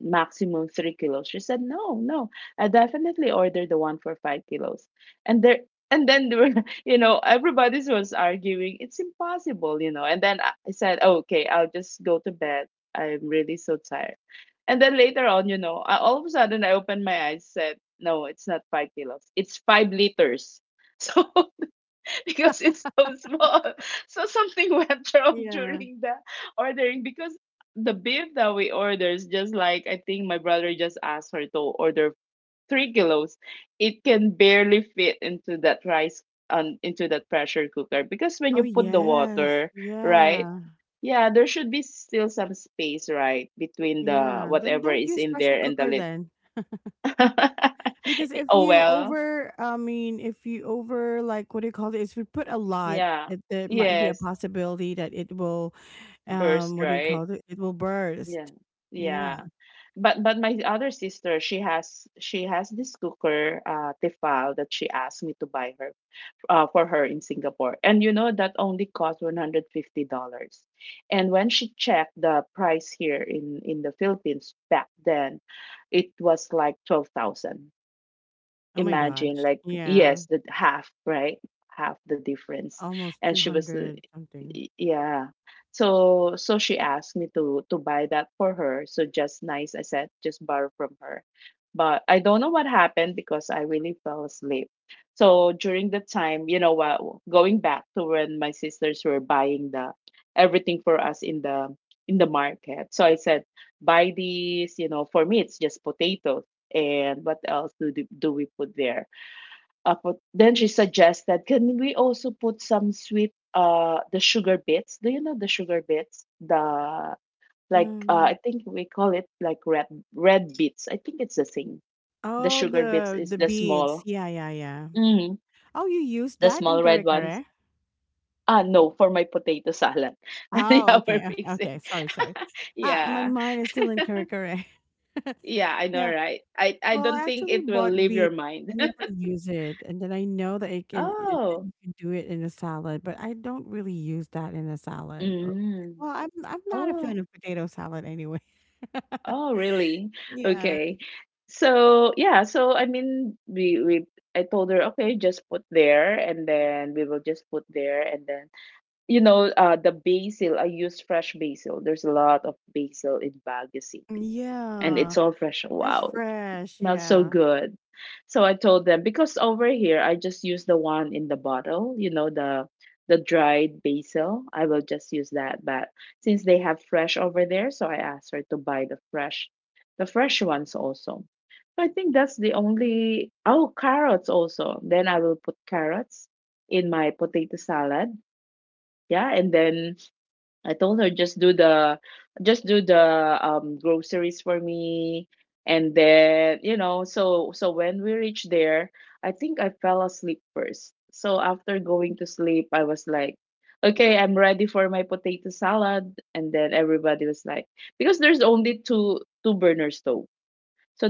Speaker 2: maximum three kilos." She said, "No, no, I definitely ordered the one for five kilos." And there, and then there were, you know, everybody was arguing, "It's impossible, you know." And then I I said, "Okay, I'll just go to bed. I'm really so tired." And then later on, you know, I, all of a sudden I opened my eyes, said, "No, it's not five kilos, it's five liters." So because it's so small. So something went wrong
Speaker 1: Yeah.
Speaker 2: during the ordering, because the beef that we order is just like, I think my brother just asked her to order three kilos. It can barely fit into that rice on into that pressure cooker, because when
Speaker 1: Oh,
Speaker 2: you put the
Speaker 1: yes.
Speaker 2: water, right?
Speaker 1: Yeah.
Speaker 2: Yeah, there should be still some space, right, between the
Speaker 1: Yeah. Then
Speaker 2: whatever
Speaker 1: don't
Speaker 2: is
Speaker 1: use
Speaker 2: in
Speaker 1: pressure
Speaker 2: there and the
Speaker 1: cooker
Speaker 2: lid.
Speaker 1: then. Because if
Speaker 2: Oh
Speaker 1: you
Speaker 2: well.
Speaker 1: over I mean, if you over, like, what do you call this? If you put a lot,
Speaker 2: Yeah.
Speaker 1: it there might be a
Speaker 2: Yes.
Speaker 1: possibility that it will, um,
Speaker 2: Burst,
Speaker 1: what do you
Speaker 2: right?
Speaker 1: call it? It will burst.
Speaker 2: Yeah.
Speaker 1: Yeah.
Speaker 2: Yeah. But but my other sister, she has she has this cooker, uh, Tefal, that she asked me to buy her uh, for her in Singapore. And you know that only cost one hundred fifty dollars. And when she checked the price here in in the Philippines back then, it was like twelve thousand.
Speaker 1: Oh my
Speaker 2: Imagine,
Speaker 1: gosh.
Speaker 2: like,
Speaker 1: Yeah.
Speaker 2: yes, the half, right? Half the difference.
Speaker 1: Almost
Speaker 2: And she was
Speaker 1: two hundred something.
Speaker 2: Y- Yeah. So so she asked me to to buy that for her. So just nice, I said, just borrow from her. But I don't know what happened because I really fell asleep. So during the time, you know what, going back to when my sisters were buying the everything for us in the in the market. So I said, buy these, you know, for me it's just potatoes. And what else do do do we put there? Uh, put, then she suggested, "Can we also put some sweet, uh, the sugar bits? Do you know the sugar bits? The like, uh, I
Speaker 1: Um,
Speaker 2: think we call it like red red bits. I think it's the same." The
Speaker 1: oh,
Speaker 2: sugar bits
Speaker 1: the
Speaker 2: is
Speaker 1: the
Speaker 2: the
Speaker 1: beads.
Speaker 2: small,
Speaker 1: Yeah, yeah, yeah.
Speaker 2: mm,
Speaker 1: Oh, you use
Speaker 2: the
Speaker 1: that in
Speaker 2: small
Speaker 1: kare
Speaker 2: red ones.
Speaker 1: kare?
Speaker 2: Ah, no, for my potato salad.
Speaker 1: Oh,
Speaker 2: Yeah, we're
Speaker 1: okay, okay,
Speaker 2: mixing.
Speaker 1: okay. Sorry, sorry. Ah, my
Speaker 2: Yeah,
Speaker 1: mind is still in kare kare.
Speaker 2: yeah, I know,
Speaker 1: Yeah.
Speaker 2: right? I I
Speaker 1: Well,
Speaker 2: don't
Speaker 1: I
Speaker 2: think
Speaker 1: actually
Speaker 2: it will
Speaker 1: bought
Speaker 2: leave
Speaker 1: beef.
Speaker 2: your mind.
Speaker 1: I never use it, and then I know that it can it, that
Speaker 2: Oh,
Speaker 1: you can do it in a salad, but I don't really use that in a salad. Or
Speaker 2: mm.
Speaker 1: well, I'm I'm not a fan
Speaker 2: Oh.
Speaker 1: of potato salad anyway.
Speaker 2: Oh, really?
Speaker 1: Yeah,
Speaker 2: Okay. So yeah, so I mean, we we I told her, okay, just put there, and then we will just put there, and then, you know, uh, the basil, I use fresh basil. There's a lot of basil in Baguio City, and
Speaker 1: yeah,
Speaker 2: it's all fresh.
Speaker 1: it's
Speaker 2: Wow, it
Speaker 1: fresh.
Speaker 2: smells so
Speaker 1: Yeah.
Speaker 2: good. So I told them, because over here I just use the one in the bottle, you know, the the dried basil. I will just use that. But since they have fresh over there, so I asked her to buy the fresh, the fresh ones also. So I think that's the only. Oh, carrots also. Then I will put carrots in my potato salad, yeah, and then I told her just do the just do the um groceries for me. And then, you know, so so when we reached there, I think I fell asleep first. So after going to sleep, I was like, okay, I'm ready for my potato salad. And then everybody was like, because there's only two two burner stove. So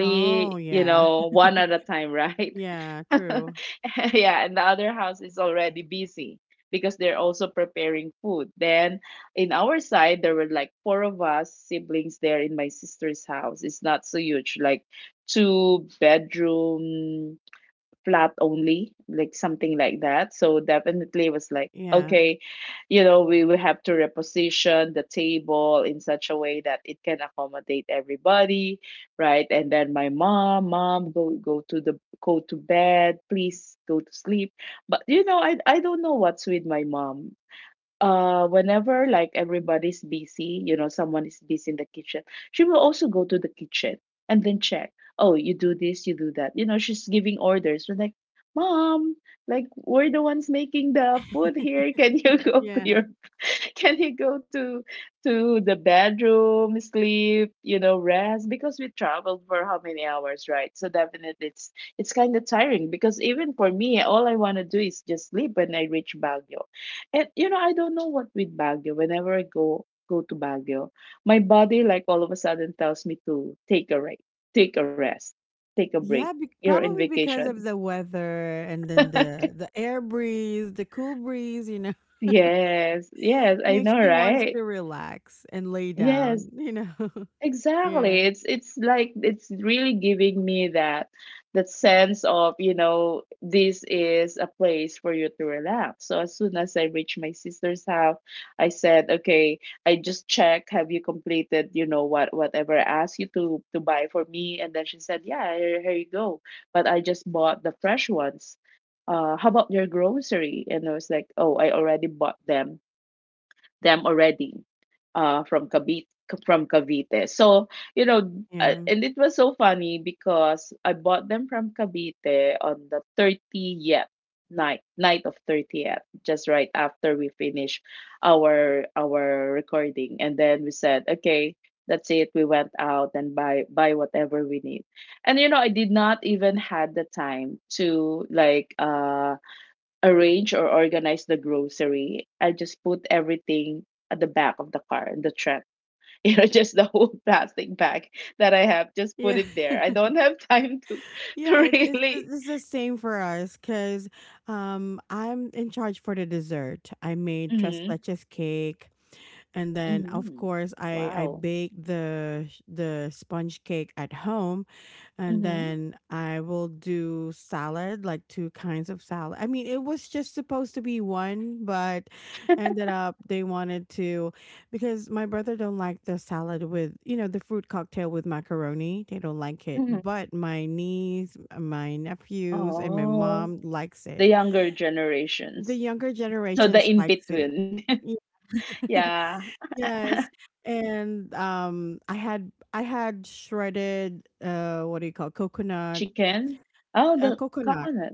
Speaker 1: Oh,
Speaker 2: you
Speaker 1: yeah,
Speaker 2: know, one at a time, right?
Speaker 1: yeah. True.
Speaker 2: Yeah, and the other house is already busy because they're also preparing food. Then in our side, there were like four of us siblings there in my sister's house. It's not so huge, like two bedroom flat only, like something like that. So definitely it was like,
Speaker 1: Yeah,
Speaker 2: okay, you know, we, we have to reposition the table in such a way that it can accommodate everybody, right? And then my mom mom, go go to the go to bed, please go to sleep. But you know, i i don't know what's with my mom. Uh whenever, like, everybody's busy, you know, someone is busy in the kitchen, she will also go to the kitchen and then check, "Oh, you do this, you do that." You know, she's giving orders. We're like, "Mom, like, we're the ones making the food here. Can you go to
Speaker 1: yeah.
Speaker 2: your can you go to to the bedroom, sleep, you know, rest? Because we traveled for how many hours, right?" So definitely it's it's kind of tiring, because even for me, all I want to do is just sleep when I reach Baguio. And you know, I don't know what with Baguio. Whenever I go go to Baguio, my body, like, all of a sudden tells me to take a rest, take a rest, take a break.
Speaker 1: Yeah, be-
Speaker 2: You're in
Speaker 1: probably because
Speaker 2: vacation.
Speaker 1: of the weather and then the the air breeze, the cool breeze, you know,
Speaker 2: Yes, yes, I
Speaker 1: makes
Speaker 2: know,
Speaker 1: you want
Speaker 2: right?
Speaker 1: to relax and lay
Speaker 2: Yes.
Speaker 1: down, you know.
Speaker 2: Exactly.
Speaker 1: Yeah.
Speaker 2: It's it's like it's really giving me that that sense of, you know, this is a place for you to relax. So as soon as I reached my sister's house, I said, "Okay, I just checked. Have you completed, you know, what whatever I asked you to to buy for me?" And then she said, "Yeah, here, here you go. But I just bought the fresh ones. Uh, how about your grocery?" And I was like, "Oh, I already bought them." Them already, uh, from Cavite. From Cavite, so, you know, uh,
Speaker 1: Yeah.
Speaker 2: and it was so funny because I bought them from Cavite on the thirtieth, night, night of thirtieth, just right after we finished our our recording, and then we said, okay, that's it. We went out and buy buy whatever we need, and you know, I did not even had the time to, like, uh, arrange or organize the grocery. I just put everything at the back of the car, in the trunk. You know, just the whole plastic bag that I have, just put
Speaker 1: Yeah.
Speaker 2: it there. I don't have time to to
Speaker 1: Yeah, it, it's
Speaker 2: really.
Speaker 1: it's it's the same for us cuz um I'm in charge for the dessert. I made tres
Speaker 2: Mhm.
Speaker 1: leches cake, and then of
Speaker 2: Mhm.
Speaker 1: course I I
Speaker 2: Wow.
Speaker 1: baked the sh- the sponge cake at home, and
Speaker 2: Mhm.
Speaker 1: then I will do salad, like two kinds of salad. I mean, it was just supposed to be one, but ended up they wanted to, because my brother don't like the salad with, you know, the fruit cocktail with macaroni. They don't like it,
Speaker 2: Mhm.
Speaker 1: but my niece, uh, my nephews, and my
Speaker 2: Oh,
Speaker 1: mom likes
Speaker 2: the
Speaker 1: it.
Speaker 2: younger
Speaker 1: The
Speaker 2: generations.
Speaker 1: younger
Speaker 2: So the
Speaker 1: generations
Speaker 2: in
Speaker 1: likes it.
Speaker 2: between.
Speaker 1: Yeah.
Speaker 2: Yeah,
Speaker 1: Yes. And um I had I had shredded uh what do you call, coconut,
Speaker 2: chicken. Oh,
Speaker 1: uh,
Speaker 2: the
Speaker 1: coconut.
Speaker 2: coconut.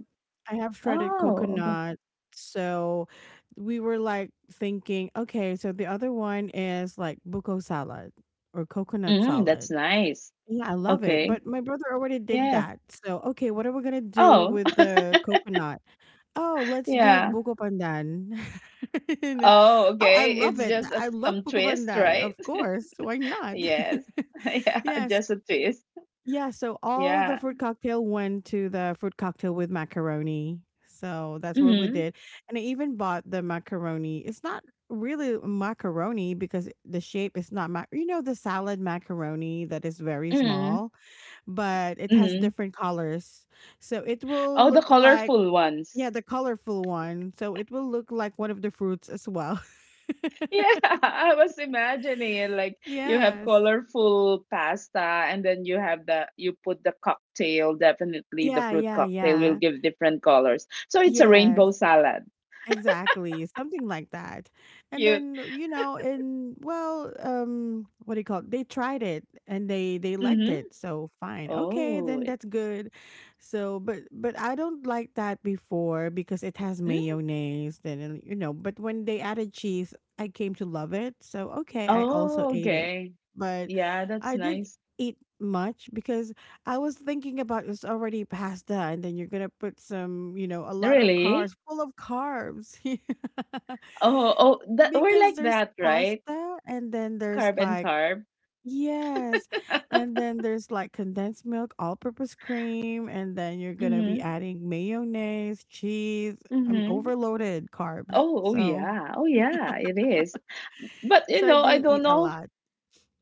Speaker 1: I have shredded
Speaker 2: Oh, okay.
Speaker 1: coconut. So we were like thinking, okay, so the other one is like buko salad or coconut
Speaker 2: Mm, that's
Speaker 1: salad.
Speaker 2: nice.
Speaker 1: Yeah, I love it.
Speaker 2: Okay.
Speaker 1: But my brother already did
Speaker 2: Yeah.
Speaker 1: that. So, okay, what are we going to do
Speaker 2: Oh,
Speaker 1: with the coconut? Oh, let's do
Speaker 2: yeah.
Speaker 1: buko pandan. You know,
Speaker 2: Oh,
Speaker 1: oh, I
Speaker 2: okay.
Speaker 1: love
Speaker 2: It's
Speaker 1: it.
Speaker 2: just a,
Speaker 1: I love
Speaker 2: some
Speaker 1: buko
Speaker 2: twist,
Speaker 1: pandan.
Speaker 2: right?
Speaker 1: Of course. Why not?
Speaker 2: Yes. Yeah,
Speaker 1: Yes.
Speaker 2: just a twist.
Speaker 1: Yeah, so all the
Speaker 2: Yeah.
Speaker 1: fruit cocktail went to the fruit cocktail with macaroni. So that's what we
Speaker 2: Mm-hmm.
Speaker 1: did. And I even bought the macaroni. It's not really macaroni because the shape is not mac. You know, the salad macaroni that is very
Speaker 2: Mm-hmm.
Speaker 1: small, but it has
Speaker 2: Mm-hmm.
Speaker 1: different colors. So it will
Speaker 2: Oh, the
Speaker 1: look like,
Speaker 2: colorful
Speaker 1: yeah,
Speaker 2: ones.
Speaker 1: the colorful one. So it will look like one of the fruits as well.
Speaker 2: Yeah, I was imagining it like you have
Speaker 1: Yes.
Speaker 2: colorful pasta, and then you have the you put the cocktail, definitely the
Speaker 1: Yeah,
Speaker 2: fruit
Speaker 1: yeah,
Speaker 2: cocktail will
Speaker 1: yeah.
Speaker 2: give different colors. So it's a
Speaker 1: Yes.
Speaker 2: rainbow salad.
Speaker 1: Exactly, something like that. And
Speaker 2: Cute.
Speaker 1: then, you know, and well, um, what do you call it? They tried it and they they liked
Speaker 2: Mm-hmm.
Speaker 1: it. So fine. Okay,
Speaker 2: Oh.
Speaker 1: then
Speaker 2: It-
Speaker 1: that's good. So, but but I don't like that before because it has
Speaker 2: Mm.
Speaker 1: mayonnaise then, and, you know, but when they added cheese, I came to love it. So, okay, I also
Speaker 2: Oh,
Speaker 1: ate it.
Speaker 2: okay.
Speaker 1: But
Speaker 2: Yeah, that's
Speaker 1: I didn't
Speaker 2: nice.
Speaker 1: eat much because I was thinking about, it's already pasta, and then you're gonna put some, you know, a lot of
Speaker 2: Really?
Speaker 1: carbs, full of carbs, yeah.
Speaker 2: Oh, oh, that we're
Speaker 1: Because
Speaker 2: like
Speaker 1: there's
Speaker 2: that, right?
Speaker 1: pasta, and then there's
Speaker 2: Carb and
Speaker 1: like,
Speaker 2: carb.
Speaker 1: yes, and then there's like condensed milk, all-purpose cream, and then you're gonna be
Speaker 2: Mm-hmm.
Speaker 1: adding mayonnaise, cheese. I'm
Speaker 2: Mm-hmm.
Speaker 1: overloaded carbs,
Speaker 2: Oh, oh
Speaker 1: so
Speaker 2: yeah. Oh yeah, it is. But you
Speaker 1: so I
Speaker 2: know, I
Speaker 1: didn't
Speaker 2: don't
Speaker 1: eat a
Speaker 2: know.
Speaker 1: lot.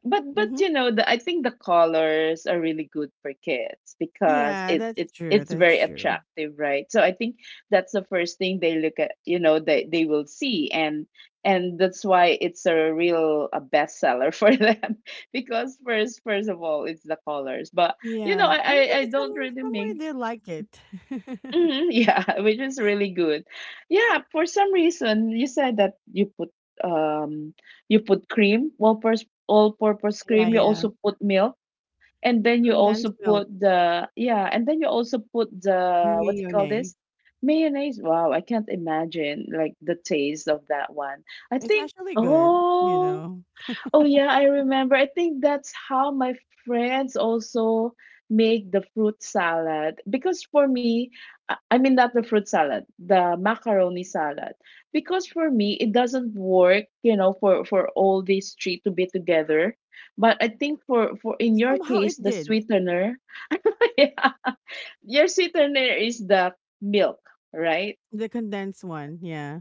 Speaker 2: but but
Speaker 1: Hmm.
Speaker 2: you know, the I think the colors are really good for kids, because
Speaker 1: Yeah,
Speaker 2: it
Speaker 1: that's
Speaker 2: it
Speaker 1: true.
Speaker 2: it's
Speaker 1: That's
Speaker 2: very
Speaker 1: true.
Speaker 2: attractive, right? So I think that's the first thing they look at, you know, they they will see, and and that's why it's a real a bestseller for them, because first first of all it's the colors. But you know,
Speaker 1: Yeah,
Speaker 2: I
Speaker 1: and
Speaker 2: I,
Speaker 1: th-
Speaker 2: I don't
Speaker 1: some
Speaker 2: really
Speaker 1: somewhere
Speaker 2: make
Speaker 1: they like it.
Speaker 2: Mhm, yeah, which is really good. Yeah, for some reason you said that you put um you put cream, all purpose all purpose
Speaker 1: Yeah,
Speaker 2: cream, you
Speaker 1: yeah.
Speaker 2: also put milk, and then you
Speaker 1: Condensed
Speaker 2: also
Speaker 1: milk,
Speaker 2: put the yeah, and then you also put the, what do you call
Speaker 1: mayonnaise.
Speaker 2: this? Mayonnaise. Wow, I can't imagine, like, the taste of that one. I
Speaker 1: It's
Speaker 2: think
Speaker 1: actually good, you
Speaker 2: oh
Speaker 1: know.
Speaker 2: Oh yeah, I remember. I think that's how my friends also make the fruit salad. Because for me, I I mean not the fruit salad, the macaroni salad. Because for me, it doesn't work, you know, for for all these three to be together. But I think for for in your
Speaker 1: Somehow
Speaker 2: case,
Speaker 1: it
Speaker 2: the
Speaker 1: did.
Speaker 2: sweetener, yeah, your sweetener is the milk, right?
Speaker 1: The condensed one, yeah.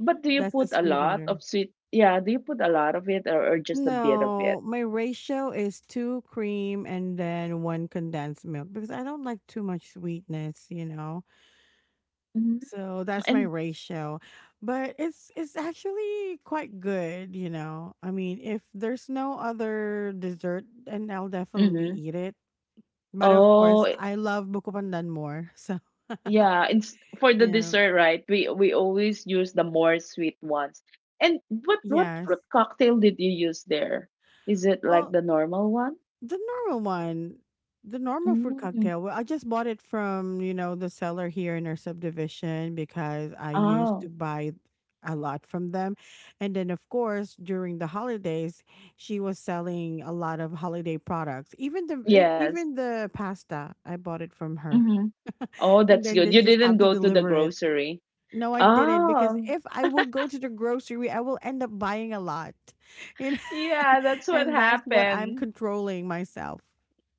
Speaker 2: But do you
Speaker 1: That's the
Speaker 2: put a lot
Speaker 1: sweetener.
Speaker 2: of sweet? Yeah, do you put a lot of it, or, or just a bit of it?
Speaker 1: No, my ratio is two cream and then one condensed milk because I don't like too much sweetness, you know.
Speaker 2: Mhm.
Speaker 1: So that's my
Speaker 2: And
Speaker 1: ratio. But it's it's actually quite good, you know. I mean, if there's no other dessert, then I'll definitely
Speaker 2: Mm-hmm.
Speaker 1: eat it. But of
Speaker 2: Oh,
Speaker 1: course,
Speaker 2: I-
Speaker 1: I love buko pandan more. So,
Speaker 2: yeah. It's for the
Speaker 1: yeah.
Speaker 2: dessert, right? We we always use the more sweet ones. And what what fruit
Speaker 1: Yes.
Speaker 2: cocktail did you use there? Is it like
Speaker 1: Well,
Speaker 2: the normal one?
Speaker 1: the normal one, the normal fruit
Speaker 2: Mm.
Speaker 1: cocktail. Well, I just bought it from, you know, the seller here in our subdivision because I used to
Speaker 2: Oh,
Speaker 1: buy a lot from them. And then of course, during the holidays, she was selling a lot of holiday products. Even the e-
Speaker 2: yes.
Speaker 1: even the pasta, I bought it from her.
Speaker 2: Mm-hmm. Oh,
Speaker 1: And
Speaker 2: that's
Speaker 1: then
Speaker 2: good.
Speaker 1: they
Speaker 2: You
Speaker 1: just
Speaker 2: didn't
Speaker 1: have to
Speaker 2: go to the
Speaker 1: deliver it.
Speaker 2: grocery.
Speaker 1: No, I didn't because
Speaker 2: Oh,
Speaker 1: if I will go to the grocery, I will end up buying a lot. You know?
Speaker 2: yeah. That's what
Speaker 1: And that's what I'm
Speaker 2: happened.
Speaker 1: controlling myself,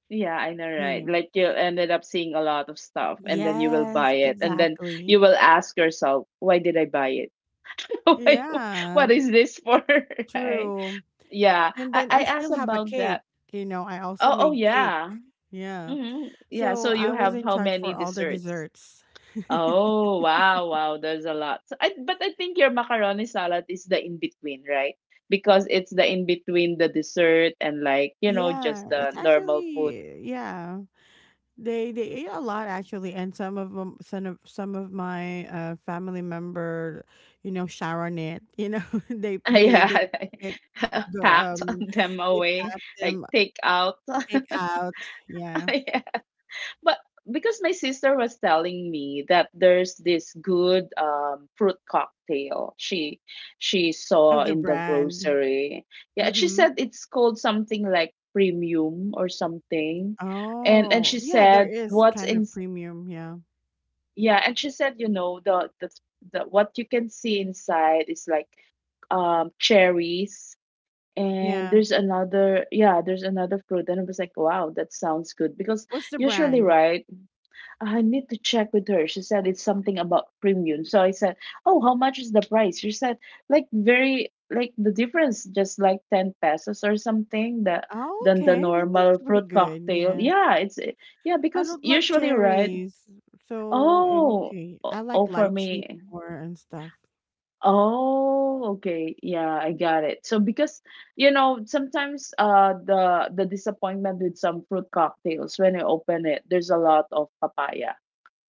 Speaker 2: Yeah, I know,
Speaker 1: you
Speaker 2: right?
Speaker 1: know.
Speaker 2: Like you ended up seeing a lot of stuff, and then you will
Speaker 1: Yes,
Speaker 2: buy it, and then
Speaker 1: exactly.
Speaker 2: you will ask yourself, "Why did I buy it? Why- what
Speaker 1: Yeah,
Speaker 2: is this for?" Right?
Speaker 1: true.
Speaker 2: Yeah.
Speaker 1: And
Speaker 2: I,
Speaker 1: then
Speaker 2: I
Speaker 1: I
Speaker 2: asked
Speaker 1: still have a
Speaker 2: about
Speaker 1: cake,
Speaker 2: that.
Speaker 1: you know. I also
Speaker 2: Oh, oh
Speaker 1: made cake.
Speaker 2: yeah.
Speaker 1: Yeah.
Speaker 2: Hmm. Yeah.
Speaker 1: So
Speaker 2: So
Speaker 1: I
Speaker 2: you
Speaker 1: was
Speaker 2: have
Speaker 1: in
Speaker 2: how
Speaker 1: charge
Speaker 2: many
Speaker 1: for all the
Speaker 2: desserts?
Speaker 1: desserts.
Speaker 2: Oh, wow, wow. There's a lot. So I, but I think your macaroni salad is the in between, right? Because it's the in between the dessert and like, you know, just
Speaker 1: Yeah,
Speaker 2: the
Speaker 1: it's
Speaker 2: normal food.
Speaker 1: actually yeah. They they ate a lot actually, and some of them, some of some of my uh, family member, you know, Sharon it. You know, they they
Speaker 2: Yeah,
Speaker 1: they it go
Speaker 2: packed
Speaker 1: um
Speaker 2: them
Speaker 1: they
Speaker 2: away,
Speaker 1: pack
Speaker 2: like
Speaker 1: them
Speaker 2: take out.
Speaker 1: take out. Yeah,
Speaker 2: But because my sister was telling me that there's this good um, fruit cocktail she she
Speaker 1: of
Speaker 2: saw
Speaker 1: the
Speaker 2: in the
Speaker 1: brand.
Speaker 2: grocery. Yeah, she
Speaker 1: Mm-hmm.
Speaker 2: said it's called something like premium or something. And and
Speaker 1: Oh
Speaker 2: she
Speaker 1: yeah, there
Speaker 2: said
Speaker 1: is
Speaker 2: what's
Speaker 1: kind
Speaker 2: in,
Speaker 1: of premium. Yeah,
Speaker 2: yeah, and she said, you know, the the, the what you can see inside is like um cherries and
Speaker 1: yeah.
Speaker 2: there's another, yeah, there's another fruit, and I was like, wow, that sounds good because
Speaker 1: What's the
Speaker 2: usually,
Speaker 1: brand?
Speaker 2: right? I need to check with her. She said it's something about premium. So I said, oh, how much is the price? She said, like very like the difference, just like ten pesos or something that
Speaker 1: Oh,
Speaker 2: than the
Speaker 1: okay, then that's
Speaker 2: normal
Speaker 1: pretty
Speaker 2: fruit
Speaker 1: good.
Speaker 2: cocktail.
Speaker 1: Yeah,
Speaker 2: Yeah, it's, yeah,
Speaker 1: I
Speaker 2: because
Speaker 1: don't like
Speaker 2: usually, right.
Speaker 1: cherries, so I'm
Speaker 2: Oh,
Speaker 1: okay.
Speaker 2: o-
Speaker 1: I like
Speaker 2: oh, for
Speaker 1: lychee
Speaker 2: me.
Speaker 1: more and stuff.
Speaker 2: Oh, okay. Yeah, I got it. So because you know, sometimes uh the the disappointment with some fruit cocktails, when I open it, there's a lot of papaya,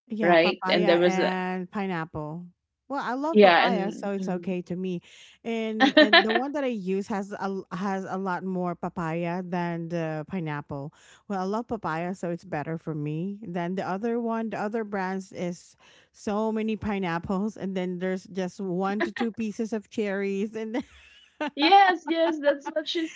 Speaker 1: Yeah,
Speaker 2: right? And there
Speaker 1: papaya
Speaker 2: was a,
Speaker 1: and pineapple. Well, I love
Speaker 2: yeah,
Speaker 1: papaya,
Speaker 2: and
Speaker 1: so it's okay to me. And and the
Speaker 2: mm.
Speaker 1: one that I use has a l- has a lot more papaya than the pineapple. Well, I love papaya, so it's better for me than the other one. The other brands is so many pineapples, and then there's just one to two pieces of cherries, and
Speaker 2: Yes, yes, that's what she's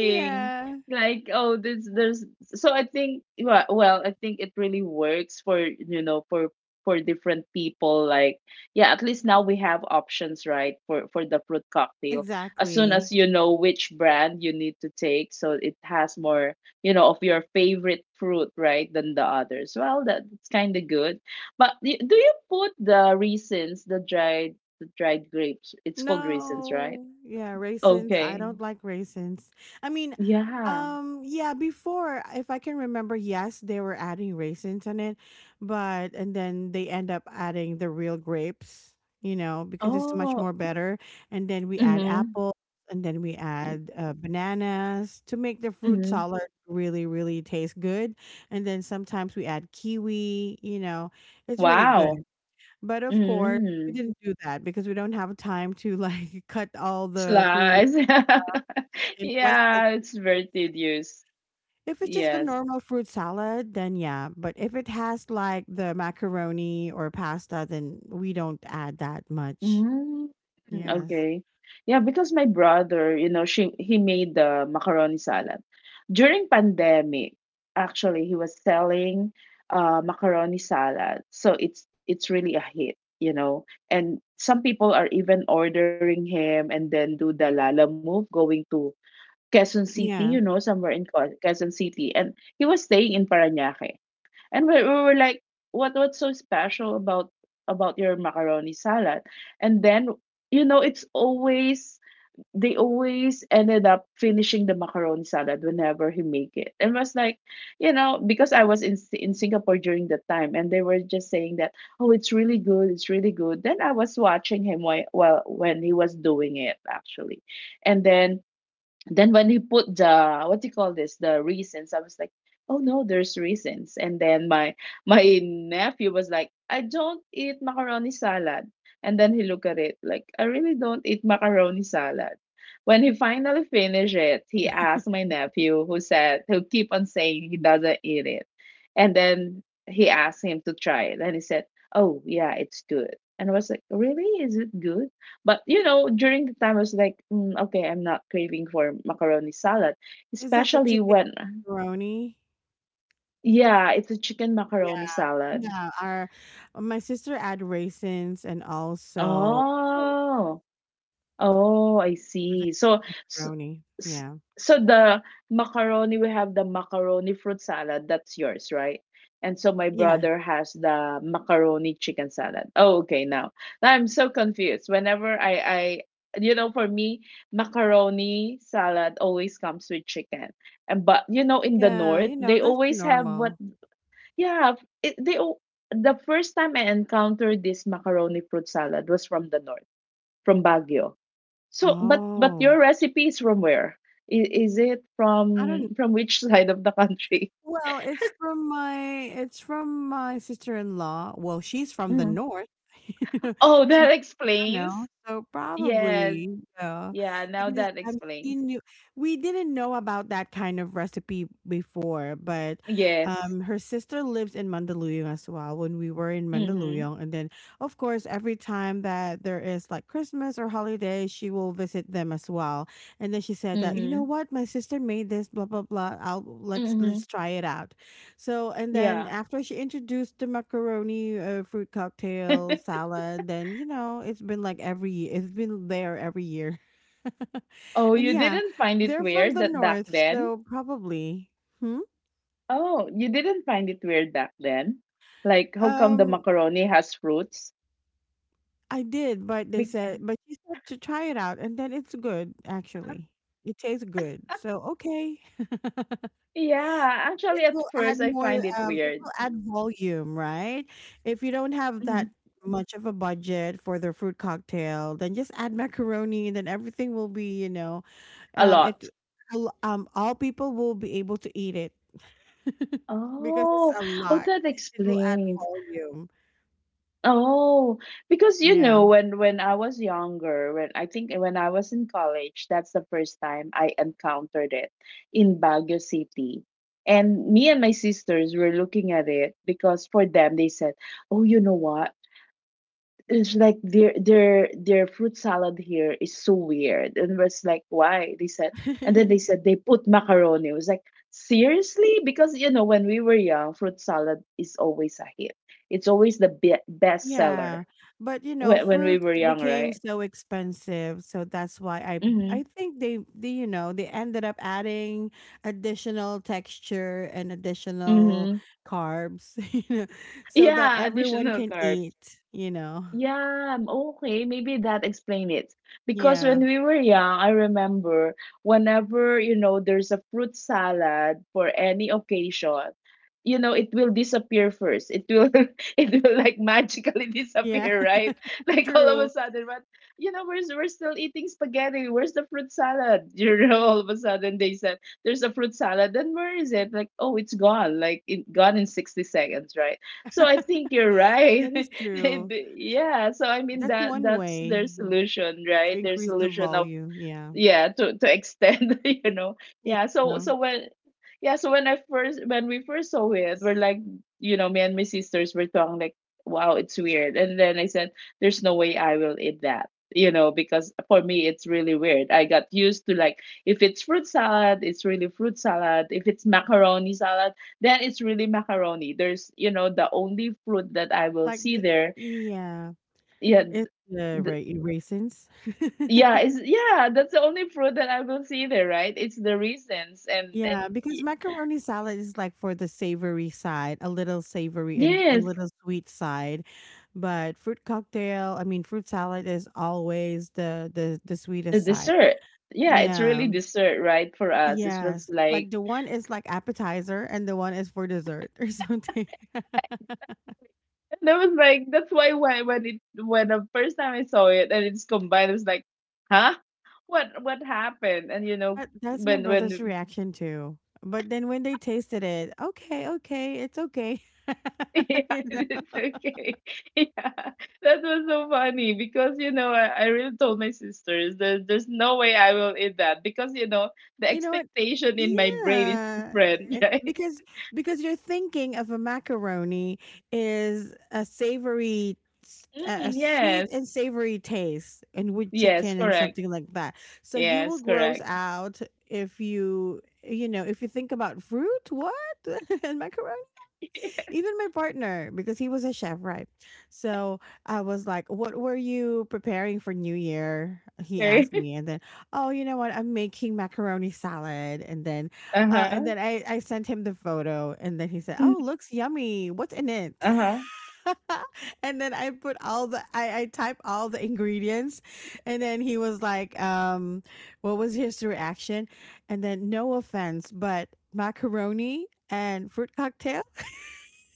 Speaker 1: yeah,
Speaker 2: Like, oh, this there's, so I think wa- well, I think it really works for, you know, for for different people. Like, yeah, at least now we have options, right? For for the fruit cocktail, as soon
Speaker 1: exactly.
Speaker 2: as you know which brand you need to take, so it has more, you know, of your favorite fruit, right, than the others. Well, that that's kind of good. But y- do you put the raisins, the dried the dried grapes? It's called raisins, right?
Speaker 1: No. Yeah, raisins. I
Speaker 2: Okay.
Speaker 1: don't like raisins. I mean,
Speaker 2: Yeah.
Speaker 1: um, yeah, before, if I can remember, yes, they were adding raisins on it, but and then they end up adding the real grapes, you know, because it's much
Speaker 2: Oh.
Speaker 1: more better. And then we add
Speaker 2: Mhm.
Speaker 1: apples and then we
Speaker 2: M
Speaker 1: add uh, bananas to make the fruit
Speaker 2: Mhm.
Speaker 1: salad really, really taste good. And then sometimes we add kiwi, you know, it's really good.
Speaker 2: Wow.
Speaker 1: But of course, we
Speaker 2: Mm.
Speaker 1: didn't do that because we don't have time to like cut all the fruit.
Speaker 2: Slice.
Speaker 1: And plus, it's
Speaker 2: Yeah, it's very tedious.
Speaker 1: if it's just the
Speaker 2: Yes.
Speaker 1: normal fruit salad, then yeah. But if it has like the macaroni or pasta, then we don't add that much.
Speaker 2: Mm,
Speaker 1: Yes.
Speaker 2: okay. Yeah, because my brother, you know, she he made the macaroni salad. During pandemic, actually, he was selling uh macaroni salad. So it's it's really a hit, you know. And some people are even ordering him and then do the Lala move going to Quezon City, you know,
Speaker 1: Yeah.
Speaker 2: somewhere in Qua- Quezon City. And he was staying in Parañaque. And we, we were like, what what's so special about about your macaroni salad? And then, you know, it's always, they always ended up finishing the macaroni salad whenever he make it. And was like, you know, because I was in Si- in Singapore during the time, and they were just saying that, oh, it's really good, it's really good. Then I was watching him while, while when he was doing it actually, and then then when he put the what do you call this, the reasons, I was like, oh no, there's reasons, and then my my nephew was like, I don't eat macaroni salad, and then he looked at it like, I really don't eat macaroni salad. When he finally finished it, he asked my nephew who said, who keep on saying he doesn't eat it, and then he asked him to try it, and he said, oh yeah, it's good. And I was like, really, is it good? But you know, during the time I was like, mm, okay, I'm not craving for macaroni salad,
Speaker 1: Is that the
Speaker 2: especially
Speaker 1: chicken
Speaker 2: when,
Speaker 1: macaroni?
Speaker 2: yeah, it's a chicken macaroni
Speaker 1: Yeah.
Speaker 2: salad.
Speaker 1: Yeah. Our my sister add raisins and also pickles
Speaker 2: Oh, oh, I
Speaker 1: for the
Speaker 2: see. So,
Speaker 1: chicken
Speaker 2: s
Speaker 1: macaroni.
Speaker 2: s
Speaker 1: Yeah.
Speaker 2: so the macaroni, we have the macaroni fruit salad. That's yours, right? And so my
Speaker 1: Yeah.
Speaker 2: brother has the macaroni chicken salad. Oh, okay, now. Now I'm so confused. Whenever I, I, you know, for me, macaroni salad always comes with chicken. And but you know, in the
Speaker 1: Yeah.
Speaker 2: north,
Speaker 1: You
Speaker 2: they
Speaker 1: know that's the
Speaker 2: always have what?
Speaker 1: normal.
Speaker 2: Yeah, it, they al- the first time I encountered this macaroni fruit salad was from the north, from Baguio. So, but but
Speaker 1: Oh,
Speaker 2: your recipe is from where? Is, is it
Speaker 1: I don't know.
Speaker 2: from from which side of the country?
Speaker 1: well, it's from my it's from my sister-in-law. Well, she's from the
Speaker 2: Mhm.
Speaker 1: north.
Speaker 2: Oh,
Speaker 1: She
Speaker 2: that
Speaker 1: I
Speaker 2: explains.
Speaker 1: know, so
Speaker 2: Yes.
Speaker 1: probably, yeah,
Speaker 2: Yeah, now
Speaker 1: because,
Speaker 2: that
Speaker 1: um, she
Speaker 2: explains.
Speaker 1: knew we didn't know about that kind of recipe before, but,
Speaker 2: Yes.
Speaker 1: um, her sister lives in Mandaluyong as well when we were in
Speaker 2: Mhm.
Speaker 1: Mandaluyong, and then, of course, every time that there is, like, Christmas or holiday, she will visit them as well, and then she said that, "You know
Speaker 2: Mhm.
Speaker 1: what? My sister made this, blah, blah, blah, I'll let's
Speaker 2: Mhm.
Speaker 1: let's try it out." So, and then
Speaker 2: Yeah.
Speaker 1: after she introduced the macaroni uh, fruit cocktail salad, then, you know, it's been like every year, it's been there every year.
Speaker 2: Oh,
Speaker 1: And
Speaker 2: you
Speaker 1: yeah,
Speaker 2: didn't find it
Speaker 1: they're from
Speaker 2: weird
Speaker 1: the
Speaker 2: that back
Speaker 1: north,
Speaker 2: then?
Speaker 1: so probably. Hmm?
Speaker 2: Oh, you didn't find it weird back then? Like how come the
Speaker 1: Um,
Speaker 2: macaroni has fruits?
Speaker 1: I did, but they
Speaker 2: Be-
Speaker 1: said, but she said to try it out, and then it's good, actually. It tastes good. So, okay.
Speaker 2: yeah,
Speaker 1: It
Speaker 2: actually at
Speaker 1: will add
Speaker 2: first I
Speaker 1: more,
Speaker 2: find it
Speaker 1: um, it
Speaker 2: weird.
Speaker 1: will add volume, right? If you don't have
Speaker 2: Mhm.
Speaker 1: that much of a budget for the fruit cocktail, then just add macaroni and then everything will be, you know,
Speaker 2: A
Speaker 1: um,
Speaker 2: lot.
Speaker 1: it, al- um, all people will be able to eat it because it's
Speaker 2: Oh,
Speaker 1: a
Speaker 2: oh,
Speaker 1: lot.
Speaker 2: that
Speaker 1: It will add
Speaker 2: explains.
Speaker 1: volume.
Speaker 2: Oh, because you
Speaker 1: Yeah.
Speaker 2: know, when when I was younger, when I think when I was in college, that's the first time I encountered it in Baguio City. And me and my sisters were looking at it because for them they said, "Oh, you know what? It's like their their their fruit salad here is so weird." And was like, why? They said, and then they said they put macaroni. It was like, seriously? Because you know, when we were young, fruit salad is always a hit, it's always the be- best seller
Speaker 1: Yeah, but you know,
Speaker 2: when, when we
Speaker 1: fruits
Speaker 2: were young,
Speaker 1: became
Speaker 2: right?
Speaker 1: so expensive, so that's why I
Speaker 2: Mm-hmm.
Speaker 1: I think they, they you know they ended up adding additional texture and additional
Speaker 2: Mm-hmm.
Speaker 1: carbs, you know, so that
Speaker 2: Yeah,
Speaker 1: everyone
Speaker 2: additional
Speaker 1: can
Speaker 2: carbs.
Speaker 1: eat. You know,
Speaker 2: Yeah, okay, maybe that explain it. Because when
Speaker 1: yeah,
Speaker 2: we were young, I remember whenever, you know, there's a fruit salad for any occasion, you know, it will disappear first. It will it will like magically
Speaker 1: yeah,
Speaker 2: disappear, right? Like all of a
Speaker 1: true.
Speaker 2: sudden, but you know, we're we're still eating spaghetti. Where's the fruit salad? You know, all of a sudden they said there's a fruit salad. Then where is it? Like, oh, it's gone. Like it gone in sixty seconds, right? So I think you're right.
Speaker 1: That is true.
Speaker 2: yeah. So I mean
Speaker 1: That's
Speaker 2: that
Speaker 1: one
Speaker 2: that's their
Speaker 1: way
Speaker 2: solution,
Speaker 1: to
Speaker 2: right? Their
Speaker 1: increase the
Speaker 2: solution of,
Speaker 1: volume. Yeah,
Speaker 2: yeah, to to extend, you know. Yeah, so
Speaker 1: yeah,
Speaker 2: so when, yeah, so when I first when we first saw it, we're like, you know, me and my sisters were talking like, wow, it's weird, and then I said, there's no way I will eat that, you know, because for me it's really weird. I got used to like, if it's fruit salad, it's really fruit salad. If it's macaroni salad, then it's really macaroni. There's, you know, the only fruit that I will
Speaker 1: like
Speaker 2: see
Speaker 1: the
Speaker 2: there,
Speaker 1: yeah,
Speaker 2: yeah.
Speaker 1: it's the ra raisins.
Speaker 2: Yeah, it's, yeah, that's the only fruit that I will see there, right? It's the raisins and
Speaker 1: Yeah,
Speaker 2: and
Speaker 1: because
Speaker 2: y-
Speaker 1: macaroni salad is like for the savory side, a little savory and a
Speaker 2: yes,
Speaker 1: little sweet side. But fruit cocktail, I mean fruit salad is always the the the
Speaker 2: the
Speaker 1: sweetest side.
Speaker 2: dessert. Yeah, it's
Speaker 1: Yeah.
Speaker 2: really dessert, right? For us, it was
Speaker 1: Yes.
Speaker 2: like,
Speaker 1: Like the one is like appetizer and the one is for dessert or something.
Speaker 2: that was like, that's why when when it when the first time I saw it and it's combined, it was like, huh, what what happened? And you know
Speaker 1: But that's my
Speaker 2: when
Speaker 1: brother's
Speaker 2: when
Speaker 1: reaction too. But then when they tasted it, okay, okay, it's okay.
Speaker 2: yeah,
Speaker 1: You
Speaker 2: it's
Speaker 1: know?
Speaker 2: okay. Yeah, that was so funny because you know I, I really told my sisters there's there's no way I will eat that because you know the
Speaker 1: You know what?
Speaker 2: expectation in my brain is
Speaker 1: Yeah,
Speaker 2: different,
Speaker 1: eh,
Speaker 2: right?
Speaker 1: because because you're thinking of a macaroni is a savory, s- a a
Speaker 2: Mm,
Speaker 1: sweet
Speaker 2: yes,
Speaker 1: and savory taste, and with
Speaker 2: yes,
Speaker 1: chicken and
Speaker 2: correct.
Speaker 1: something like that. So you will
Speaker 2: Yes,
Speaker 1: gross
Speaker 2: correct.
Speaker 1: out if you you know if you think about fruit, what and macaroni. Even my partner, because he was a chef, right? So I was like, "What were you preparing for New Year?" He
Speaker 2: Yes,
Speaker 1: asked
Speaker 2: okay.
Speaker 1: me. And then, "Oh, you know what? I'm making macaroni salad." And then,
Speaker 2: Uh
Speaker 1: uh,
Speaker 2: huh.
Speaker 1: and then I, I sent him the photo. And then he said, "Oh, looks yummy. What's in it?"
Speaker 2: Uh huh.
Speaker 1: And then I put all the, I, I type all the ingredients. And then he was like, um, what was his reaction? And then, "No offense, but macaroni and fruit cocktail?"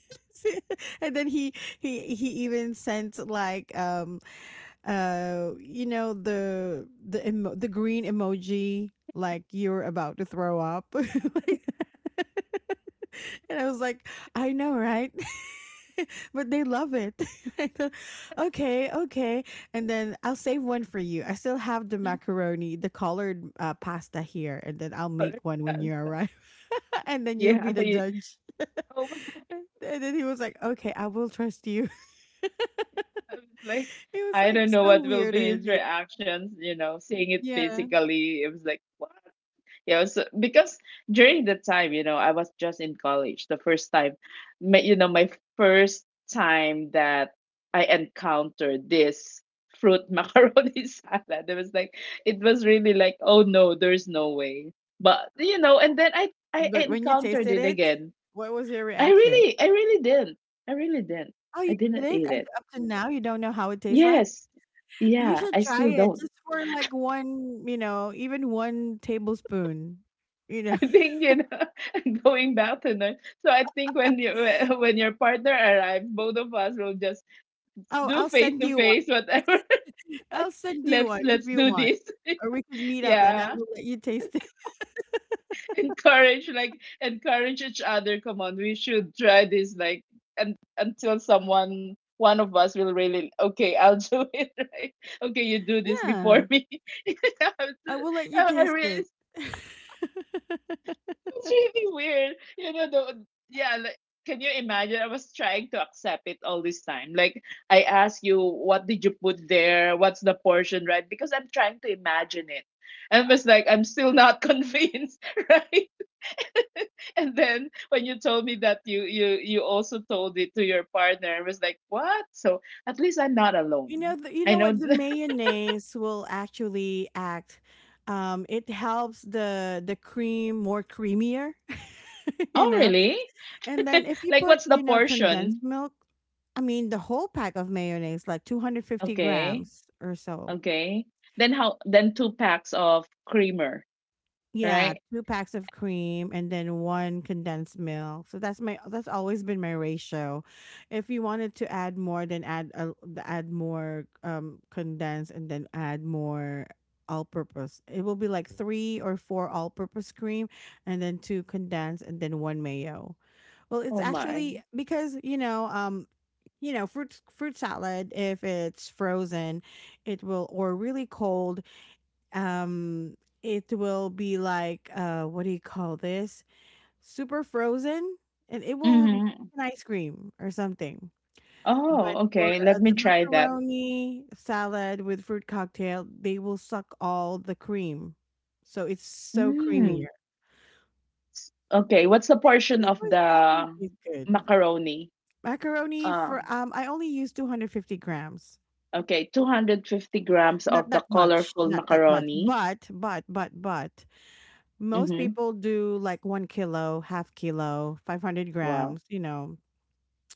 Speaker 1: And then he he he even sent like um uh you know the the emo- the green emoji, like you're about to throw up. Like- that. And I was like, I know, right? But they love it. I thought, okay, okay. And then I'll save one for you. I still have the macaroni, the colored uh, pasta here, and then I'll make one when you arrive. And then you'll
Speaker 2: Yeah.
Speaker 1: be the
Speaker 2: I-
Speaker 1: judge.
Speaker 2: Oh,
Speaker 1: And then he was like, okay, I will trust you.
Speaker 2: I was like,
Speaker 1: It was,
Speaker 2: I
Speaker 1: like,
Speaker 2: don't know
Speaker 1: so
Speaker 2: what will
Speaker 1: weird.
Speaker 2: be
Speaker 1: And
Speaker 2: his
Speaker 1: yeah,
Speaker 2: reactions. You know, seeing it
Speaker 1: yeah,
Speaker 2: physically, it was like, yeah, so because during the time, you know, I was just in college the first time, my, you know, my first time that I encountered this fruit macaroni salad. It was like, it was really like, oh no, there's no way. But you know, and then I I
Speaker 1: but when you
Speaker 2: encountered
Speaker 1: tasted
Speaker 2: it
Speaker 1: it,
Speaker 2: again.
Speaker 1: what was your
Speaker 2: I
Speaker 1: reaction?
Speaker 2: really I really didn't. I really didn't.
Speaker 1: "Oh, you
Speaker 2: I didn't
Speaker 1: didn't?
Speaker 2: eat
Speaker 1: Up
Speaker 2: it.
Speaker 1: up to now, you don't know how it tastes like?
Speaker 2: Yes.
Speaker 1: You
Speaker 2: Yeah,
Speaker 1: should
Speaker 2: I
Speaker 1: try
Speaker 2: still
Speaker 1: it
Speaker 2: don't.
Speaker 1: just for, like, one, you know, even one tablespoon." You
Speaker 2: I
Speaker 1: know?
Speaker 2: think, you know, going back to North. So I think when you when your partner arrives, both of us will just
Speaker 1: "Oh,
Speaker 2: do
Speaker 1: I'll
Speaker 2: face
Speaker 1: send
Speaker 2: to
Speaker 1: you one.
Speaker 2: face whatever. Like,
Speaker 1: I'll send you
Speaker 2: let's
Speaker 1: one if
Speaker 2: let's
Speaker 1: you
Speaker 2: do
Speaker 1: want,
Speaker 2: this.
Speaker 1: or we could meet up and I
Speaker 2: yeah,
Speaker 1: will let you taste it."
Speaker 2: encourage, like encourage each other. Come on, we should try this. Like, and until someone, one of us will really, okay, I'll do it, right, okay, you do this
Speaker 1: Yeah,
Speaker 2: before me. You,
Speaker 1: "I will let you
Speaker 2: I I
Speaker 1: taste
Speaker 2: really
Speaker 1: it."
Speaker 2: It's really weird. You know, the, yeah, like, can you imagine? I was trying to accept it all this time. Like, I ask you, what did you put there? What's the portion, right? Because I'm trying to imagine it. And it was like, I'm still not convinced, right? And then when you told me that you you you also told it to your partner, I was like, what? So at least I'm not
Speaker 1: You know
Speaker 2: alone.
Speaker 1: the you
Speaker 2: I
Speaker 1: know
Speaker 2: know.
Speaker 1: what? The
Speaker 2: th-
Speaker 1: mayonnaise will actually act, um, it helps the the cream more creamier, you
Speaker 2: oh,
Speaker 1: know?
Speaker 2: really?
Speaker 1: And then if you
Speaker 2: Like,
Speaker 1: put,
Speaker 2: what's the
Speaker 1: you know, condensed
Speaker 2: portion?
Speaker 1: milk, I mean, the whole pack of mayonnaise, like two hundred fifty
Speaker 2: Okay.
Speaker 1: grams or so.
Speaker 2: Okay. Then how, then two packs of creamer,
Speaker 1: Yeah,
Speaker 2: right?
Speaker 1: two packs of cream and then one condensed milk. So that's my that's always been my ratio. If you wanted to add more, then add a, add more um condensed and then add more all-purpose. It will be like three or four all-purpose cream and then two condensed and then one mayo. Well, it's
Speaker 2: Oh my.
Speaker 1: actually because you know um you know fruit fruit salad if it's frozen, it will or really cold, um it will be like uh what do you call this, super frozen, and it will be
Speaker 2: Mm-hmm.
Speaker 1: an ice cream or something. But
Speaker 2: Oh,
Speaker 1: for
Speaker 2: okay.
Speaker 1: uh,
Speaker 2: Let me
Speaker 1: the
Speaker 2: try that.
Speaker 1: macaroni salad with fruit cocktail, they will suck all the cream, so it's so creamier.
Speaker 2: Mm. S- Okay, what's the
Speaker 1: And so
Speaker 2: portion
Speaker 1: this
Speaker 2: of
Speaker 1: one
Speaker 2: the
Speaker 1: actually tastes good.
Speaker 2: macaroni?
Speaker 1: Macaroni,
Speaker 2: Ah,
Speaker 1: for, um I only use two hundred fifty grams.
Speaker 2: okay, two hundred fifty grams of
Speaker 1: not
Speaker 2: the
Speaker 1: that much
Speaker 2: colorful
Speaker 1: not that much
Speaker 2: macaroni.
Speaker 1: but but but but most
Speaker 2: Mm-hmm.
Speaker 1: people do like one kilo, half kilo, 500
Speaker 2: Wow.
Speaker 1: grams, you know,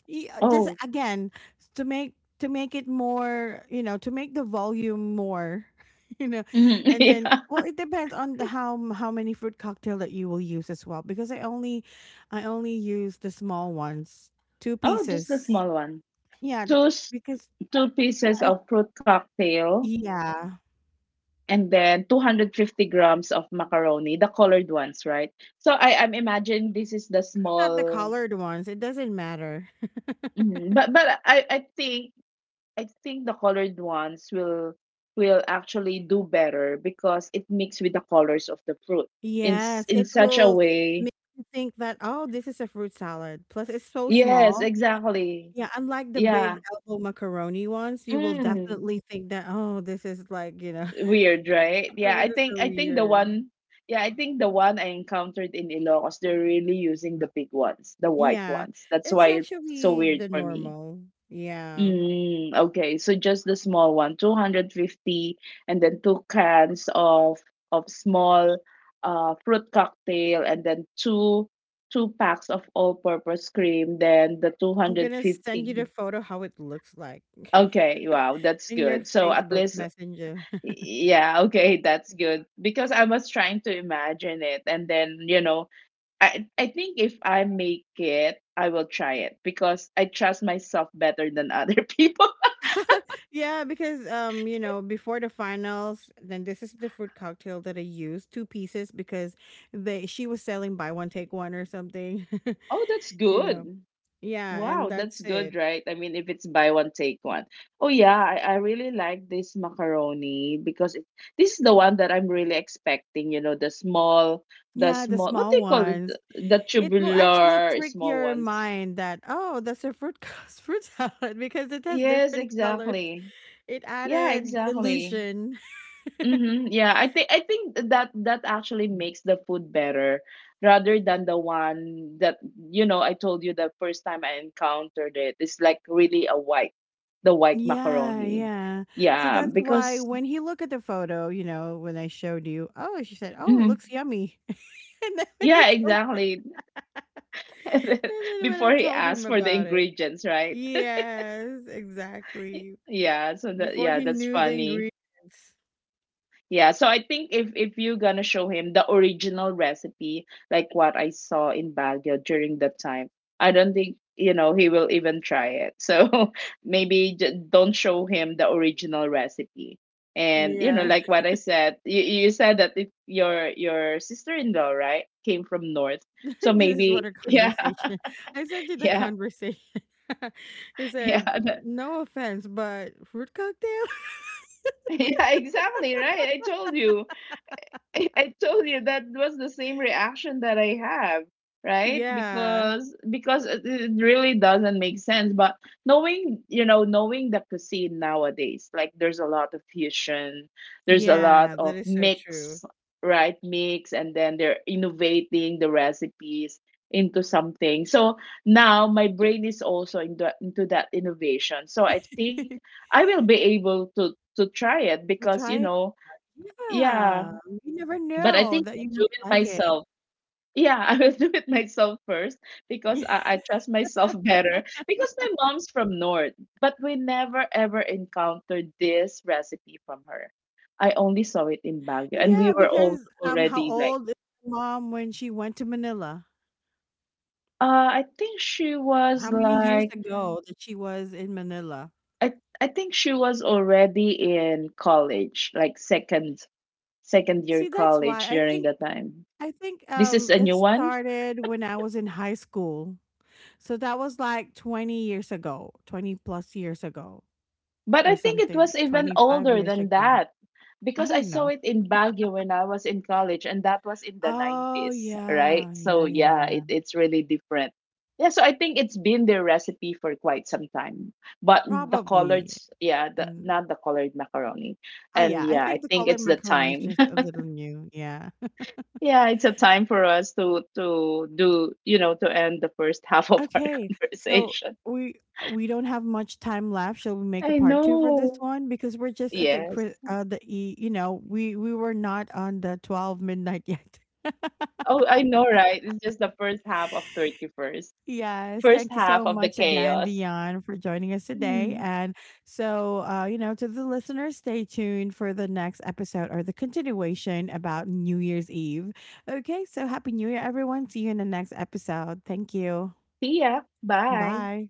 Speaker 1: Y- uh, just
Speaker 2: Oh.
Speaker 1: again s- to make to make it more, you know, to make the volume more, you know,
Speaker 2: Mm-hmm.
Speaker 1: and then,
Speaker 2: Yeah.
Speaker 1: well, it depends on the how m- how many fruit cocktail that you will use as well. Because I only I only use the small ones, two
Speaker 2: Oh, just the
Speaker 1: pieces.
Speaker 2: small one.
Speaker 1: Yeah,
Speaker 2: Two s-
Speaker 1: because
Speaker 2: Two pieces
Speaker 1: I
Speaker 2: of fruit cocktail.
Speaker 1: yeah,
Speaker 2: And then two hundred fifty grams of macaroni, the colored ones, right? So I I'm imagining this is the
Speaker 1: it's not the
Speaker 2: small,
Speaker 1: colored ones. It doesn't matter.
Speaker 2: Mhm. but but I I think I think the colored ones will will actually do better because it mixed with the colors of the fruit in s-
Speaker 1: Yes,
Speaker 2: in
Speaker 1: it
Speaker 2: such a
Speaker 1: will f-
Speaker 2: way.
Speaker 1: make you think that, oh, this is a fruit salad. Plus, it's so
Speaker 2: Yes,
Speaker 1: small.
Speaker 2: exactly.
Speaker 1: Yeah, unlike the big
Speaker 2: Yeah.
Speaker 1: elbow macaroni ones, you will
Speaker 2: Mm.
Speaker 1: definitely think that, oh, this is like, you know,
Speaker 2: Weird, right?
Speaker 1: this
Speaker 2: Yeah, I
Speaker 1: is
Speaker 2: think
Speaker 1: so
Speaker 2: I think the
Speaker 1: weird.
Speaker 2: one, yeah, I think the one I encountered in Ilocos, they're really using the big ones, the white
Speaker 1: Yeah,
Speaker 2: ones. That's
Speaker 1: it's
Speaker 2: why it's so
Speaker 1: actually
Speaker 2: weird
Speaker 1: the
Speaker 2: for me.
Speaker 1: normal. Yeah.
Speaker 2: Mm, okay, so just the small one, two hundred fifty, and then two cans of of small uh fruit cocktail, and then two two packs of all-purpose cream, then the
Speaker 1: I'm gonna send you the
Speaker 2: two hundred fifty.
Speaker 1: photo how it looks like
Speaker 2: Okay, wow, that's
Speaker 1: in your
Speaker 2: good. So at
Speaker 1: Facebook
Speaker 2: least,
Speaker 1: Messenger.
Speaker 2: yeah, okay, that's good. Because I was trying to imagine it, and then, you know, I I think if I make it, I will try it because I trust myself better than other people.
Speaker 1: Yeah, because um, you know, before the finals, then this is the fruit cocktail that I used, two pieces because they she was selling buy one take one or something,
Speaker 2: Oh, that's
Speaker 1: you know.
Speaker 2: good.
Speaker 1: Yeah, and
Speaker 2: Wow, that's
Speaker 1: that's
Speaker 2: good,
Speaker 1: it.
Speaker 2: right? I mean, if it's buy one, take one. Oh, yeah, I, I really like this macaroni because it, this is the one that I'm really expecting, you know, the small, the
Speaker 1: Yeah, the
Speaker 2: small, what do
Speaker 1: small
Speaker 2: you call it?
Speaker 1: ones.
Speaker 2: The, the
Speaker 1: It will actually
Speaker 2: tubular
Speaker 1: trick
Speaker 2: small
Speaker 1: your
Speaker 2: ones.
Speaker 1: mind that oh, that's a fruit co- fruit salad because it has
Speaker 2: Yes,
Speaker 1: different colors.
Speaker 2: exactly.
Speaker 1: It
Speaker 2: Yeah,
Speaker 1: added
Speaker 2: exactly.
Speaker 1: illusion.
Speaker 2: hmm Yeah, I think I think that that actually makes the food better rather than the one that, you know, I told you the first time I encountered it. It's like really a white, the white
Speaker 1: Yeah,
Speaker 2: macaroni.
Speaker 1: yeah. So
Speaker 2: Yeah,
Speaker 1: that's why
Speaker 2: because
Speaker 1: when he looked at the photo, you know, when I showed you, oh, she said, oh, it
Speaker 2: Mhm.
Speaker 1: looks yummy. And then
Speaker 2: yeah,
Speaker 1: when I told
Speaker 2: exactly.
Speaker 1: and then when
Speaker 2: Before
Speaker 1: I
Speaker 2: he
Speaker 1: told
Speaker 2: asked
Speaker 1: him
Speaker 2: for the
Speaker 1: about it.
Speaker 2: ingredients, right?
Speaker 1: Yes, exactly.
Speaker 2: Yeah, so that,
Speaker 1: Before
Speaker 2: yeah,
Speaker 1: he
Speaker 2: that's
Speaker 1: knew the
Speaker 2: funny.
Speaker 1: ingredients.
Speaker 2: Yeah, so I think if if you're gonna show him the original recipe, like what I saw in Baguio during that time, I don't think you know he will even try it. So maybe j- don't show him the
Speaker 1: Mm.
Speaker 2: original recipe. And you know,
Speaker 1: Yeah.
Speaker 2: like what I said, you, you said that it, your your sister-in-law, right, came from north. So
Speaker 1: This is
Speaker 2: maybe
Speaker 1: what our
Speaker 2: yeah,
Speaker 1: conversation I sent you the
Speaker 2: yeah,
Speaker 1: conversation. It said,
Speaker 2: yeah,
Speaker 1: "No offense, but fruit cocktail?"
Speaker 2: yeah, exactly, right. I told you. I told you that was the same reaction that I have, right?
Speaker 1: Yeah.
Speaker 2: Because because it it really doesn't make sense. But knowing, you know, knowing the cuisine nowadays, like there's a lot of fusion, there's a lot
Speaker 1: Yeah, that
Speaker 2: of
Speaker 1: is so true.
Speaker 2: mix, right? Mix, and then they're innovating the recipes into something. So now my brain is also into into that innovation. So I think I will be able to to try it
Speaker 1: So
Speaker 2: because you
Speaker 1: try it.
Speaker 2: know, yeah,
Speaker 1: Yeah, you never
Speaker 2: but I
Speaker 1: know
Speaker 2: think
Speaker 1: that
Speaker 2: I'll
Speaker 1: you
Speaker 2: do it
Speaker 1: might like it.
Speaker 2: myself. Yeah, I will do it myself first because I, I trust myself better. Because my mom's from North, but we never ever encountered this recipe from her. I only saw it in Baguio, and we
Speaker 1: Yeah,
Speaker 2: were all
Speaker 1: because, um, how
Speaker 2: already like,
Speaker 1: old is your mom when she went to Manila?
Speaker 2: uh, I think she was
Speaker 1: How many years
Speaker 2: like,
Speaker 1: ago that she was in Manila?
Speaker 2: I I think she was already in college, like second second year
Speaker 1: See, that's
Speaker 2: college
Speaker 1: why I
Speaker 2: during
Speaker 1: think
Speaker 2: the time.
Speaker 1: I think,
Speaker 2: This is
Speaker 1: um,
Speaker 2: a
Speaker 1: it
Speaker 2: new one.
Speaker 1: started when I was in high school. So that was like twenty years ago, twenty plus years ago
Speaker 2: But
Speaker 1: or
Speaker 2: I think it
Speaker 1: something,
Speaker 2: was even
Speaker 1: twenty-five
Speaker 2: older
Speaker 1: years
Speaker 2: than
Speaker 1: ago.
Speaker 2: that
Speaker 1: I
Speaker 2: because I
Speaker 1: don't
Speaker 2: saw
Speaker 1: know.
Speaker 2: it in Baguio when I was in college, and that was in the
Speaker 1: Oh,
Speaker 2: nineties, right?
Speaker 1: yeah.
Speaker 2: So,
Speaker 1: Yeah, yeah,
Speaker 2: yeah,
Speaker 1: yeah.
Speaker 2: it, it's really different. Yeah, so I think it's been their recipe for quite some time. But the colored,
Speaker 1: Probably.
Speaker 2: yeah, the,
Speaker 1: And
Speaker 2: not the colored macaroni.
Speaker 1: oh,
Speaker 2: And
Speaker 1: yeah, I
Speaker 2: yeah, I
Speaker 1: think the
Speaker 2: think
Speaker 1: colored
Speaker 2: it's the
Speaker 1: macaroni is
Speaker 2: time.
Speaker 1: just a little new. Yeah.
Speaker 2: yeah, it's a time for us to to do, you know, to end the first half of our
Speaker 1: Okay, so
Speaker 2: conversation.
Speaker 1: we we don't have much time left. Shall we make a
Speaker 2: I
Speaker 1: part two for this
Speaker 2: know.
Speaker 1: one? Because we're just at the cri-
Speaker 2: Yes.
Speaker 1: uh, the e- you know we we were not on the twelve midnight yet.
Speaker 2: Oh, I know, right? It's just the first half of thirty-first.
Speaker 1: Yes,
Speaker 2: First
Speaker 1: thank you
Speaker 2: half
Speaker 1: so
Speaker 2: of the
Speaker 1: much again,
Speaker 2: chaos.
Speaker 1: Dion, for joining us today.
Speaker 2: Mm.
Speaker 1: And so, uh, you know, to the listeners, stay tuned for the next episode or the continuation about New Year's Eve. Okay, so happy New Year, everyone. See you in the next episode. Thank you.
Speaker 2: See ya. Bye.
Speaker 1: Bye.